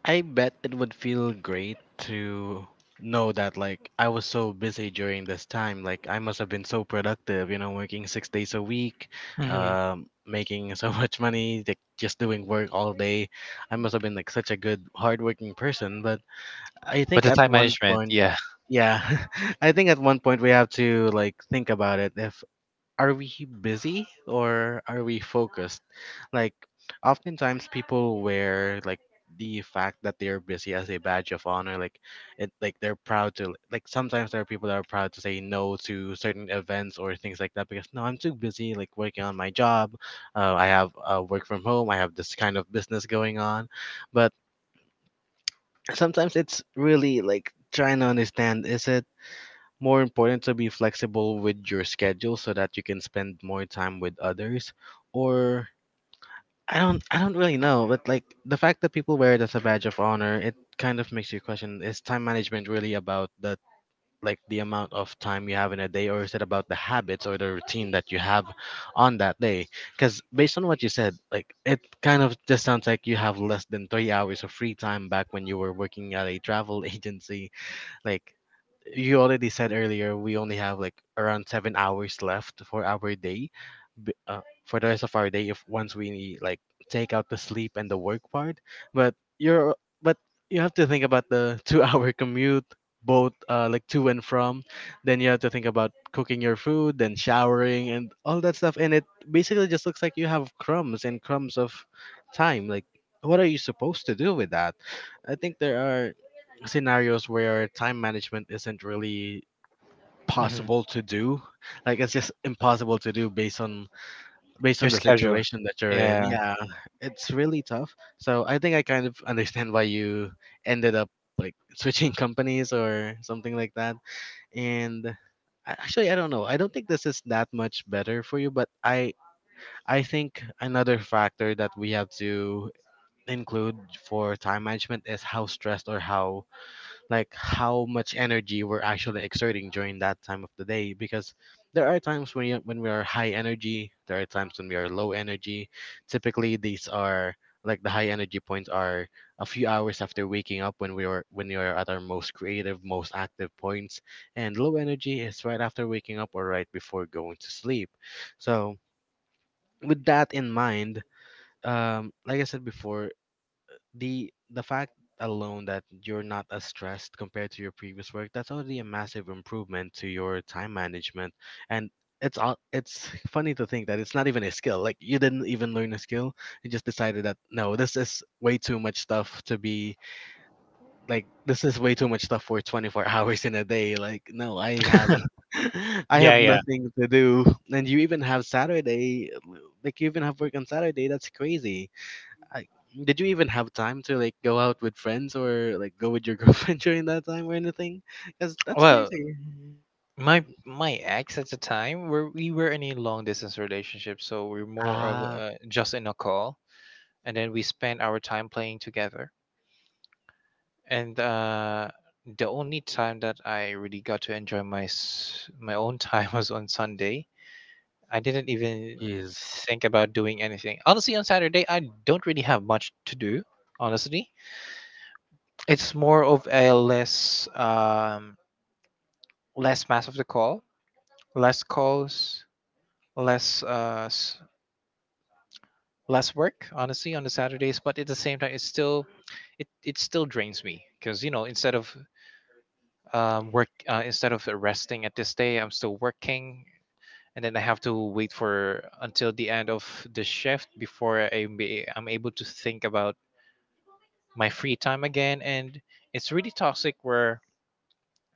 Speaker 1: I bet it would feel great to know that, like, I was so busy during this time. Like, I must have been so productive, you know, working 6 days a week,
Speaker 2: Hmm.
Speaker 1: making so much money, like just doing work all day. I must have been like such a good, hardworking person. But I
Speaker 2: But the
Speaker 1: think at
Speaker 2: time
Speaker 1: one
Speaker 2: management,
Speaker 1: point,
Speaker 2: yeah.
Speaker 1: yeah. I think at one point we have to like think about it. If Are we busy or are we focused? Like, oftentimes people wear like the fact that they're busy as a badge of honor. Like, it like they're proud to, like, sometimes there are people that are proud to say no to certain events or things like that because, no, I'm too busy like working on my job. I have work from home. I have this kind of business going on, but sometimes it's really like trying to understand, is it more important to be flexible with your schedule so that you can spend more time with others? Or I don't really know, but like the fact that people wear it as a badge of honor, it kind of makes you question, is time management really about the amount of time you have in a day, or is it about the habits or the routine that you have on that day? Because based on what you said, like, it kind of just sounds like you have less than 3 hours of free time back when you were working at a travel agency. Like, you already said earlier we only have like around 7 hours left for our day b- uh, for the rest of our day if once we like take out the sleep and the work part, but you're but you have to think about the 2 hour commute, both like to and from. Then you have to think about cooking your food, then showering and all that stuff, and it basically just looks like you have crumbs and crumbs of time. Like, what are you supposed to do with that? I think there are scenarios where time management isn't really possible
Speaker 2: Hmm.
Speaker 1: to do. Like, it's just impossible to do based on
Speaker 2: Your
Speaker 1: the
Speaker 2: schedule,
Speaker 1: situation that you're in.
Speaker 2: yeah.
Speaker 1: Yeah, it's really tough. So I think I kind of understand why you ended up like switching companies or something like that. And actually, I don't know. I don't think this is that much better for you, but I think another factor that we have to include for time management is how stressed or how, like, how much energy we're actually exerting during that time of the day, because there are times when we are high energy, there are times when we are low energy. Typically these are, like, the high energy points are a few hours after waking up, when we are, when we are at our most creative, most active points, and low energy is right after waking up or right before going to sleep. So with that in mind, like I said before, the fact alone that you're not as stressed compared to your previous work, that's already a massive improvement to your time management. And it's all, it's funny to think that it's not even a skill. Like, you didn't even learn a skill. You just decided that, no, this is way too much stuff to be, like, this is way too much stuff for 24 hours in a day. Like, no, I have I
Speaker 2: Yeah,
Speaker 1: have
Speaker 2: yeah.
Speaker 1: nothing to do. And you even have Saturday. Like, you even have work on Saturday. That's crazy. I, did you even have time to like go out with friends or like go with your girlfriend during that time or anything? Because that's
Speaker 2: Well,
Speaker 1: crazy.
Speaker 2: my my ex at the time, were we were in a long distance relationship, so we're more of
Speaker 1: Ah,
Speaker 2: just in a call, and then we spend our time playing together. And the only time that I really got to enjoy my my own time was on Sunday. I didn't even
Speaker 1: jeez.
Speaker 2: think about doing anything. Honestly, on Saturday, I don't really have much to do. Honestly, it's more of a less, less mass of the call, less calls, less less work. Honestly, on the Saturdays, but at the same time, it's still it still drains me because, you know, instead of work instead of resting at this day, I'm still working, and then I have to wait for until the end of the shift before I'm able to think about my free time again. And it's really toxic where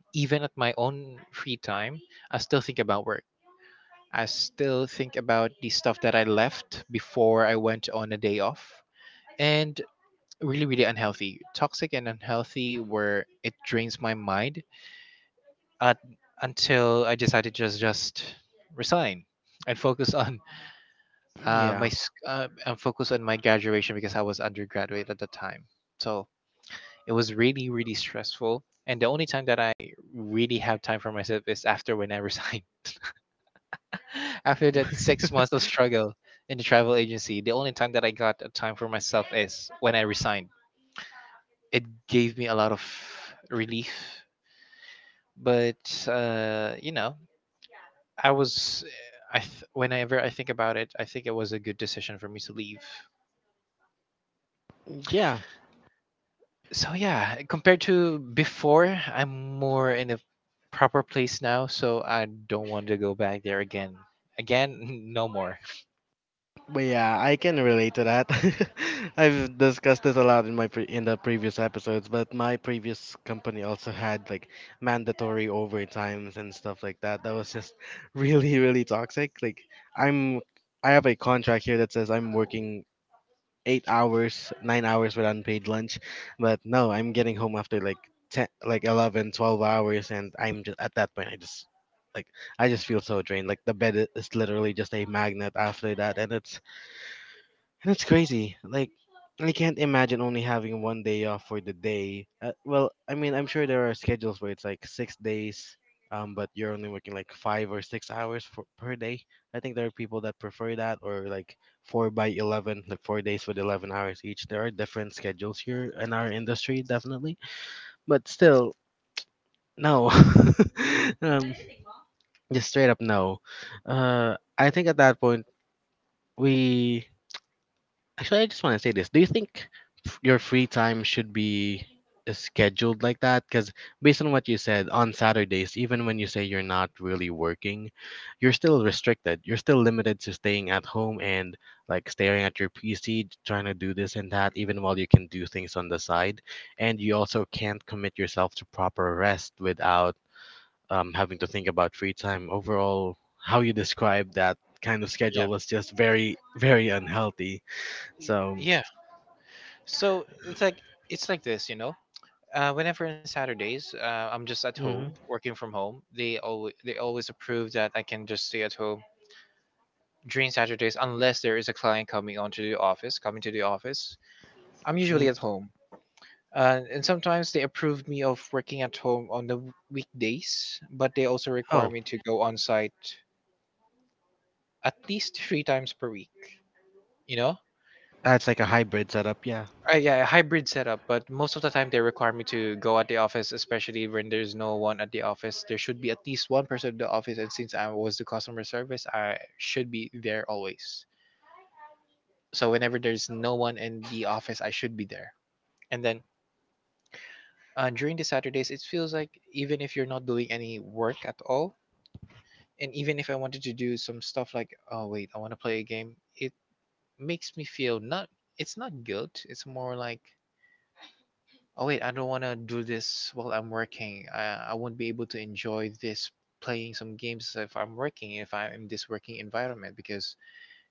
Speaker 2: even at my own free time I still think about work, I still think about the stuff that I left before I went on a day off, and really really unhealthy, toxic and unhealthy, where it drains my mind, uh, until I decided to just resign and focus on
Speaker 1: Yeah.
Speaker 2: and focus on my graduation because I was undergraduate at the time. So it was really stressful. And the only time that I really have time for myself is after when I resign. After that 6 months of struggle in the travel agency, the only time that I got a time for myself is when I resigned. It gave me a lot of relief, but uh, you know, I was, I th- whenever I think about it, I think it was a good decision for me to leave.
Speaker 1: Yeah,
Speaker 2: So yeah, compared to before, I'm more in a proper place now, so I don't want to go back there again. Again, no more.
Speaker 1: but yeah, I can relate to that. I've discussed this a lot in my pre in the previous episodes, but my previous company also had like mandatory overtimes and stuff like that. That was just really, really toxic. Like, I'm, I have a contract here that says I'm working 8 hours, 9 hours with unpaid lunch. But no, I'm getting home after like 10, like 11, 12 hours, and I'm just at that point, I just like I just feel so drained. Like the bed is literally just a magnet after that, and it's, that's crazy. Like, I can't imagine only having one day off for the day. Well, I mean, I'm sure there are schedules where it's like 6 days, but you're only working like 5 or 6 hours for, per day. I think there are people that prefer that, or like four by 11, like 4 days with 11 hours each. There are different schedules here in our industry, definitely. But still, no. um, just straight up no. I think at that point, we. Actually, I just want to say this. Do you think your free time should be scheduled like that? Because based on what you said, on Saturdays, even when you say you're not really working, you're still restricted. You're still limited to staying at home and, like, staring at your PC, trying to do this and that, even while you can do things on the side. And you also can't commit yourself to proper rest without having to think about free time. Overall, how you described that kind of
Speaker 2: Yeah,
Speaker 1: schedule was just very, very unhealthy. So.
Speaker 2: yeah. So it's like this, you know. Whenever on Saturdays, I'm just at home
Speaker 1: Mhm.
Speaker 2: working from home. They always approve that I can just stay at home during Saturdays unless there is a client coming to the office. I'm usually
Speaker 1: Mm.
Speaker 2: at home. And sometimes they approved me of working at home on the weekdays, but they also require me
Speaker 1: Oh,
Speaker 2: to go on site at least three times per week. You know,
Speaker 1: that's like a hybrid setup. Yeah.
Speaker 2: yeah, a hybrid setup. But most of the time, they require me to go at the office, especially when there's no one at the office. There should be at least one person at the office, and since I was the customer service, I should be there always. So whenever there's no one in the office, I should be there. And then during the Saturdays, it feels like even if you're not doing any work at all, and even if I wanted to do some stuff like, oh wait, I want to play a game, it makes me feel not, it's not guilt. It's more like, oh wait, I don't want to do this while I'm working. I won't be able to enjoy this playing some games if I'm working, if I'm in this working environment. Because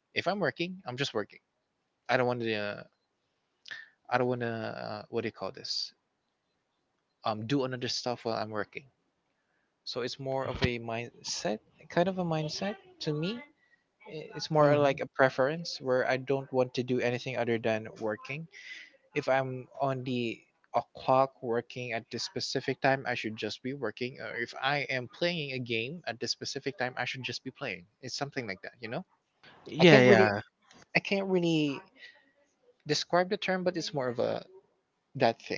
Speaker 2: if I'm working, I'm just working. I don't want to, I don't want to, what do you call this? Do another stuff while I'm working. So it's more of a mindset, kind of a mindset to me it's more like a
Speaker 1: Hmm.
Speaker 2: preference where I don't want to do anything other than working. If I'm on the o'clock working at this specific time, I should just be working. Or if I am playing a game at this specific time, I should just be playing. It's something like that, you know? I can't
Speaker 1: Yeah,
Speaker 2: really
Speaker 1: yeah.
Speaker 2: I can't really describe the term, but it's more of a that thing.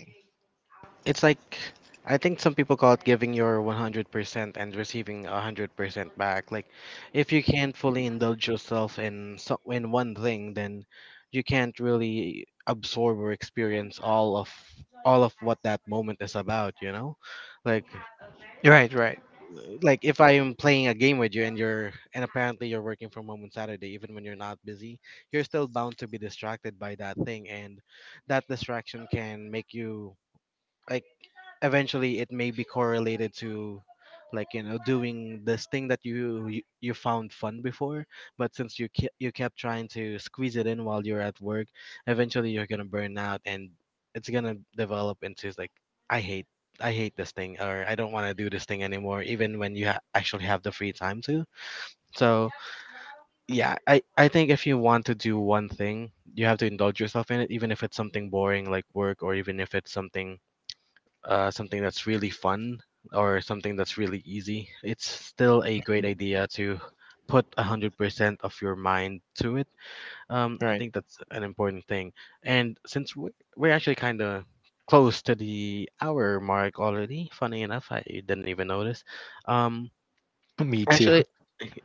Speaker 1: It's like, I think some people call it giving your 100% and receiving 100% back. Like, if you can't fully indulge yourself in so in one thing, then you can't really absorb or experience all of what that moment is about, you know? Like
Speaker 2: Right, right,
Speaker 1: like if I'm playing a game with you and you're, and apparently you're working from home on Saturday, even when you're not busy, you're still bound to be distracted by that thing, and that distraction can make you, like, eventually it may be correlated to, like, you know, doing this thing that you found fun before, but since you you kept trying to squeeze it in while you're at work, eventually you're going to burn out, and it's going to develop into like, I hate, I hate this thing, or I don't want to do this thing anymore, even when you actually have the free time to. So, yeah, I think if you want to do one thing, you have to indulge yourself in it, even if it's something boring like work, or even if it's something something that's really fun or something that's really easy, it's still a great idea to put 100% of your mind to it.
Speaker 2: right.
Speaker 1: I think that's an important thing. And we're actually kind of close to the hour mark already, funny enough, I didn't even notice. Um,
Speaker 2: Me too.
Speaker 1: actually,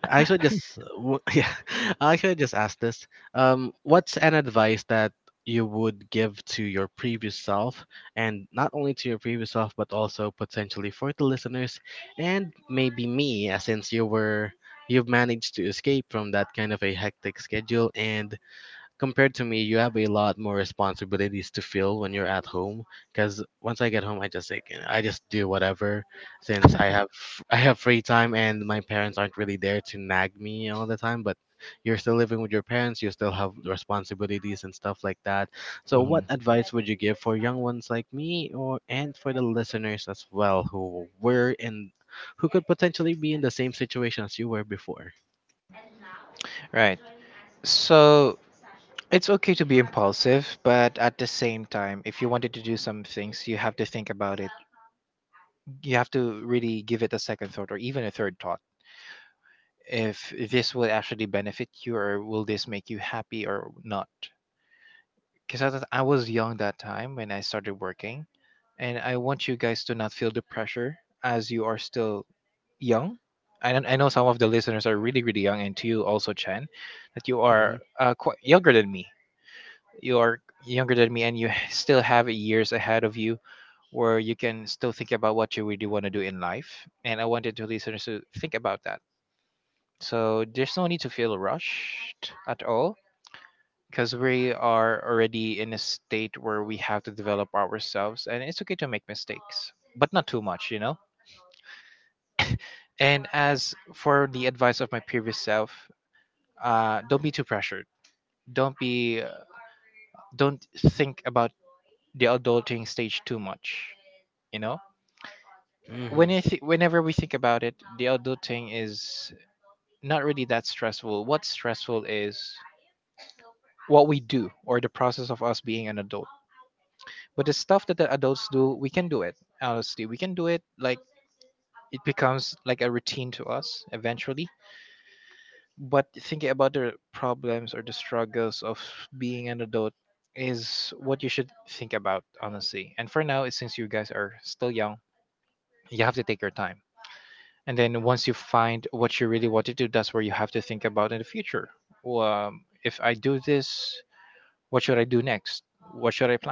Speaker 1: I should just yeah, I should just ask this. What's an advice that you would give to your previous self, and not only to your previous self, but also potentially for the listeners, and maybe me, since you've managed to escape from that kind of a hectic schedule and compared to me, you have a lot more responsibilities to feel when you're at home. Because once I get home, I just like, I just do whatever, since I have free time and my parents aren't really there to nag me all the time. But you're still living with your parents, you still have responsibilities and stuff like that. So,
Speaker 2: Mhm.
Speaker 1: what advice would you give for young ones like me, or and for the listeners as well who could potentially be in the same situation as you were before?
Speaker 2: Right. So it's okay to be impulsive, but at the same time, if you wanted to do some things, you have to think about it. You have to really give it a second thought or even a third thought. If this will actually benefit you or will this make you happy or not? Because I was young that time when I started working, and I want you guys to not feel the pressure as you are still young. I, don't- I know some of the listeners are really, really young, and to you also, Chen, that you are
Speaker 1: Hmm.
Speaker 2: quite younger than me. You are younger than me and you still have years ahead of you where you can still think about what you really want to do in life. And I wanted to listeners to think about that. So there's no need to feel rushed at all because we are already in a state where we have to develop ourselves and it's okay to make mistakes, but not too much, you know? And as for the advice of my previous self, don't be too pressured. Don't be, uh, don't think about the adulting stage too much, you know?
Speaker 1: Hmm.
Speaker 2: Whenever we think about it, the adulting is not really that stressful. What's stressful is what we do or the process of us being an adult. But the stuff that the adults do, we can do it. Honestly, we can do it. Like it becomes like a routine to us eventually. But thinking about the problems or the struggles of being an adult is what you should think about honestly. And for now, since you guys are still young, you have to take your time. And then once you find what you really want to do, that's where you have to think about in the future. Well, if I do this, what should I do next, what should I plan?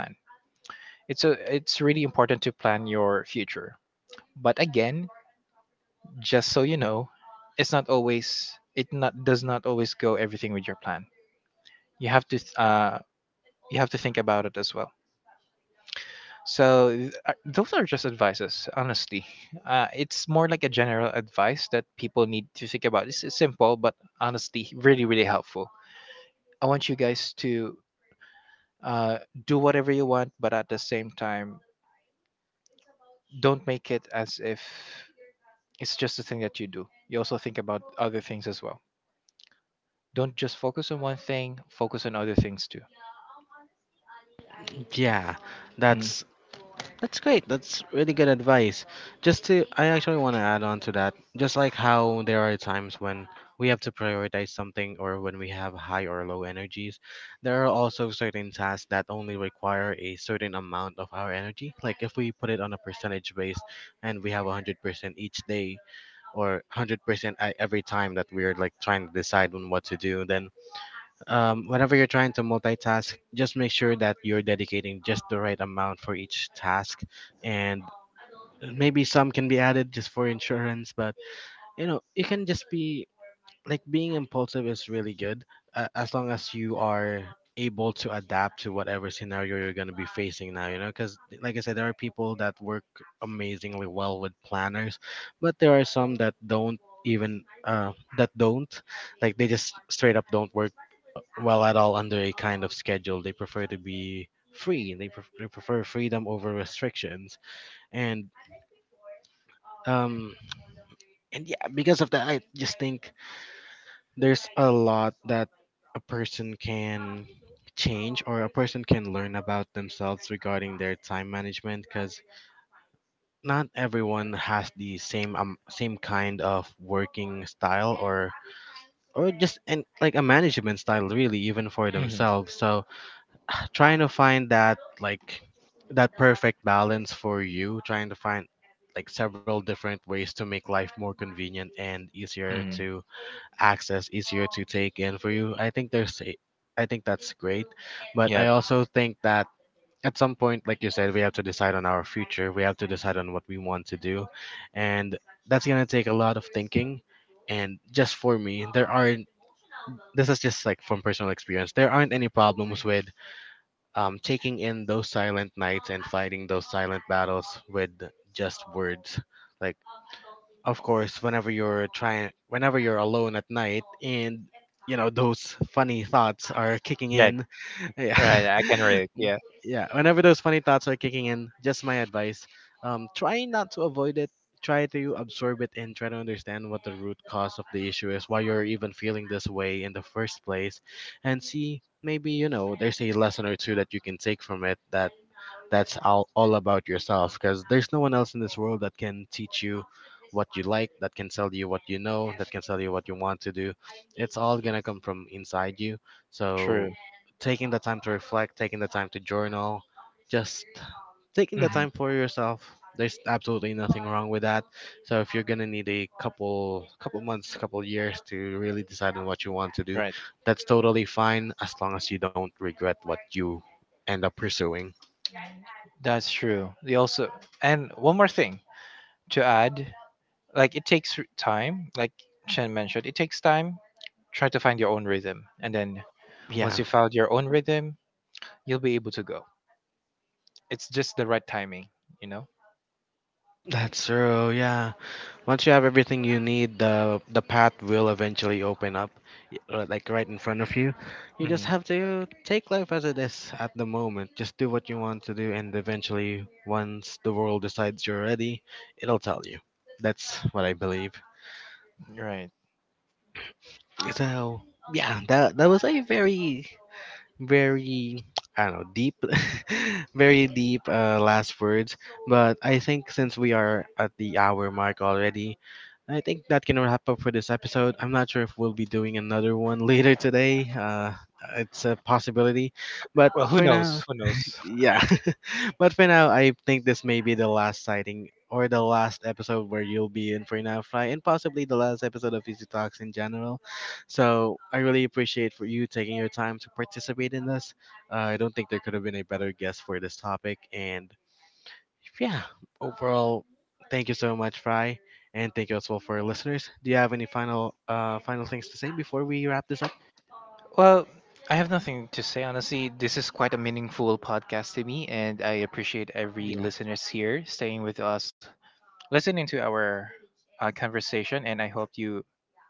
Speaker 2: It's a it's really important to plan your future, but again, just so you know, it not does not always go everything with your plan. you have to th- uh you have to think about it as well. So those are just advices, honestly. It's more like a general advice that people need to think about. It's simple, but honestly, really, really helpful. I want you guys to uh, do whatever you want, but at the same time, don't make it as if it's just a thing that you do. You also think about other things as well. Don't just focus on one thing, focus on other things too.
Speaker 1: Yeah,
Speaker 2: Mm.
Speaker 1: that's that's great. That's really good advice. I actually want to add on to that. Just like how there are times when we have to prioritize something or when we have high or low energies, there are also certain tasks that only require a certain amount of our energy. Like if we put it on a percentage base and we have 100% each day, or 100% at every time that we're like trying to decide on what to do, then whenever you're trying to multitask, just make sure that you're dedicating just the right amount for each task, and maybe some can be added just for insurance. But you know, it can just be like being impulsive is really good, as long as you are able to adapt to whatever scenario you're going to be facing now, you know, because like I said, there are people that work amazingly well with planners, but there are some that don't, even uh that don't like, they just straight up don't work well at all under a kind of schedule. They prefer to be free. They prefer freedom over restrictions. And um and yeah, because of that, I just think there's a lot that a person can change, or a person can learn about themselves regarding their time management, because not everyone has the same same kind of working style, or just and like a management style really, even for
Speaker 2: Hmm.
Speaker 1: themselves. So trying to find that, like, that perfect balance for you, trying to find like several different ways to make life more convenient and easier
Speaker 2: Hmm.
Speaker 1: to access, easier to take in for you, I think that's great.
Speaker 2: Yeah,
Speaker 1: But I also think that at some point, like you said, we have to decide on our future, we have to decide on what we want to do, and that's going to take a lot of thinking. And just for me, there aren't, this is just like from personal experience, there aren't any problems with taking in those silent nights and fighting those silent battles with just words. Like, of course, whenever you're trying, whenever you're alone at night and you know those funny thoughts are
Speaker 2: yeah,
Speaker 1: kicking in yeah
Speaker 2: right. I can relate. Yeah,
Speaker 1: Mm, yeah, whenever those funny thoughts are kicking in, just my advice, um, try not to avoid it. Try to absorb it and try to understand what the root cause of the issue is, why you're even feeling this way in the first place. And see, maybe you know, there's a lesson or two that you can take from it, that that's all about yourself, because there's no one else in this world that can teach you what you like, that can tell you what you know, that can tell you what you want to do. It's all gonna come from inside you.
Speaker 2: true.
Speaker 1: So taking the time to reflect, taking the time to journal, just taking
Speaker 2: Hmm.
Speaker 1: the time for yourself. There's absolutely nothing wrong with that. So if you're gonna need a couple months, couple years to really decide on what you want to
Speaker 2: Right.
Speaker 1: do, that's totally fine, as long as you don't regret what you end up pursuing.
Speaker 2: That's true. They also and one more thing to add, like it takes time, like Chen mentioned, it takes time. Try to find your own rhythm. And then once you
Speaker 1: Yeah.
Speaker 2: found your own rhythm, you'll be able to go. It's just the right timing, you know?
Speaker 1: That's true, yeah. Once you have everything you need, the path will eventually open up, like right in front of you. You
Speaker 2: Hmm.
Speaker 1: just have to take life as it is at the moment. Just do what you want to do, and eventually, once the world decides you're ready, it'll tell you. That's what I believe.
Speaker 2: Right.
Speaker 1: So yeah, that was a very very I don't know, deep, very deep, last words. But I think since we are at the hour mark already, I think that can wrap up for this episode. I'm not sure if we'll be doing another one later today. It's a possibility,
Speaker 2: Well,
Speaker 1: but
Speaker 2: who
Speaker 1: for
Speaker 2: knows? Who
Speaker 1: now,
Speaker 2: knows?
Speaker 1: yeah. But for now, I think this may be the last sighting or the last episode where you'll be in for now, Fly, and possibly the last episode of Easy Talks in general. So I really appreciate for you taking your time to participate in this. I don't think there could have been a better guest for this topic. And yeah, overall, thank you so much, Fry, and thank you as well for our listeners. Do you have any final final things to say before we wrap this up?
Speaker 2: Well, I have nothing to say, honestly. This is quite a meaningful podcast to me, and I appreciate every
Speaker 1: Yeah.
Speaker 2: listeners here staying with us, listening to our conversation, and I hope you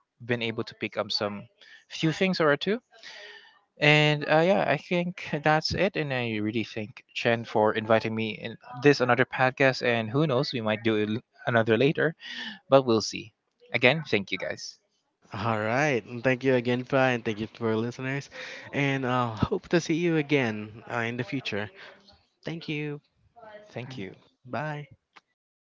Speaker 2: been able to pick up some few things or two. And yeah, I think that's it. And I really thank Chen for inviting me in this another podcast. And who knows, we might do it another later, but we'll see. Again, thank you guys.
Speaker 1: All right. and Thank you again, Pa, and thank you to our listeners. And hope to see you again, in the future. Thank you.
Speaker 2: Thank you.
Speaker 1: Bye.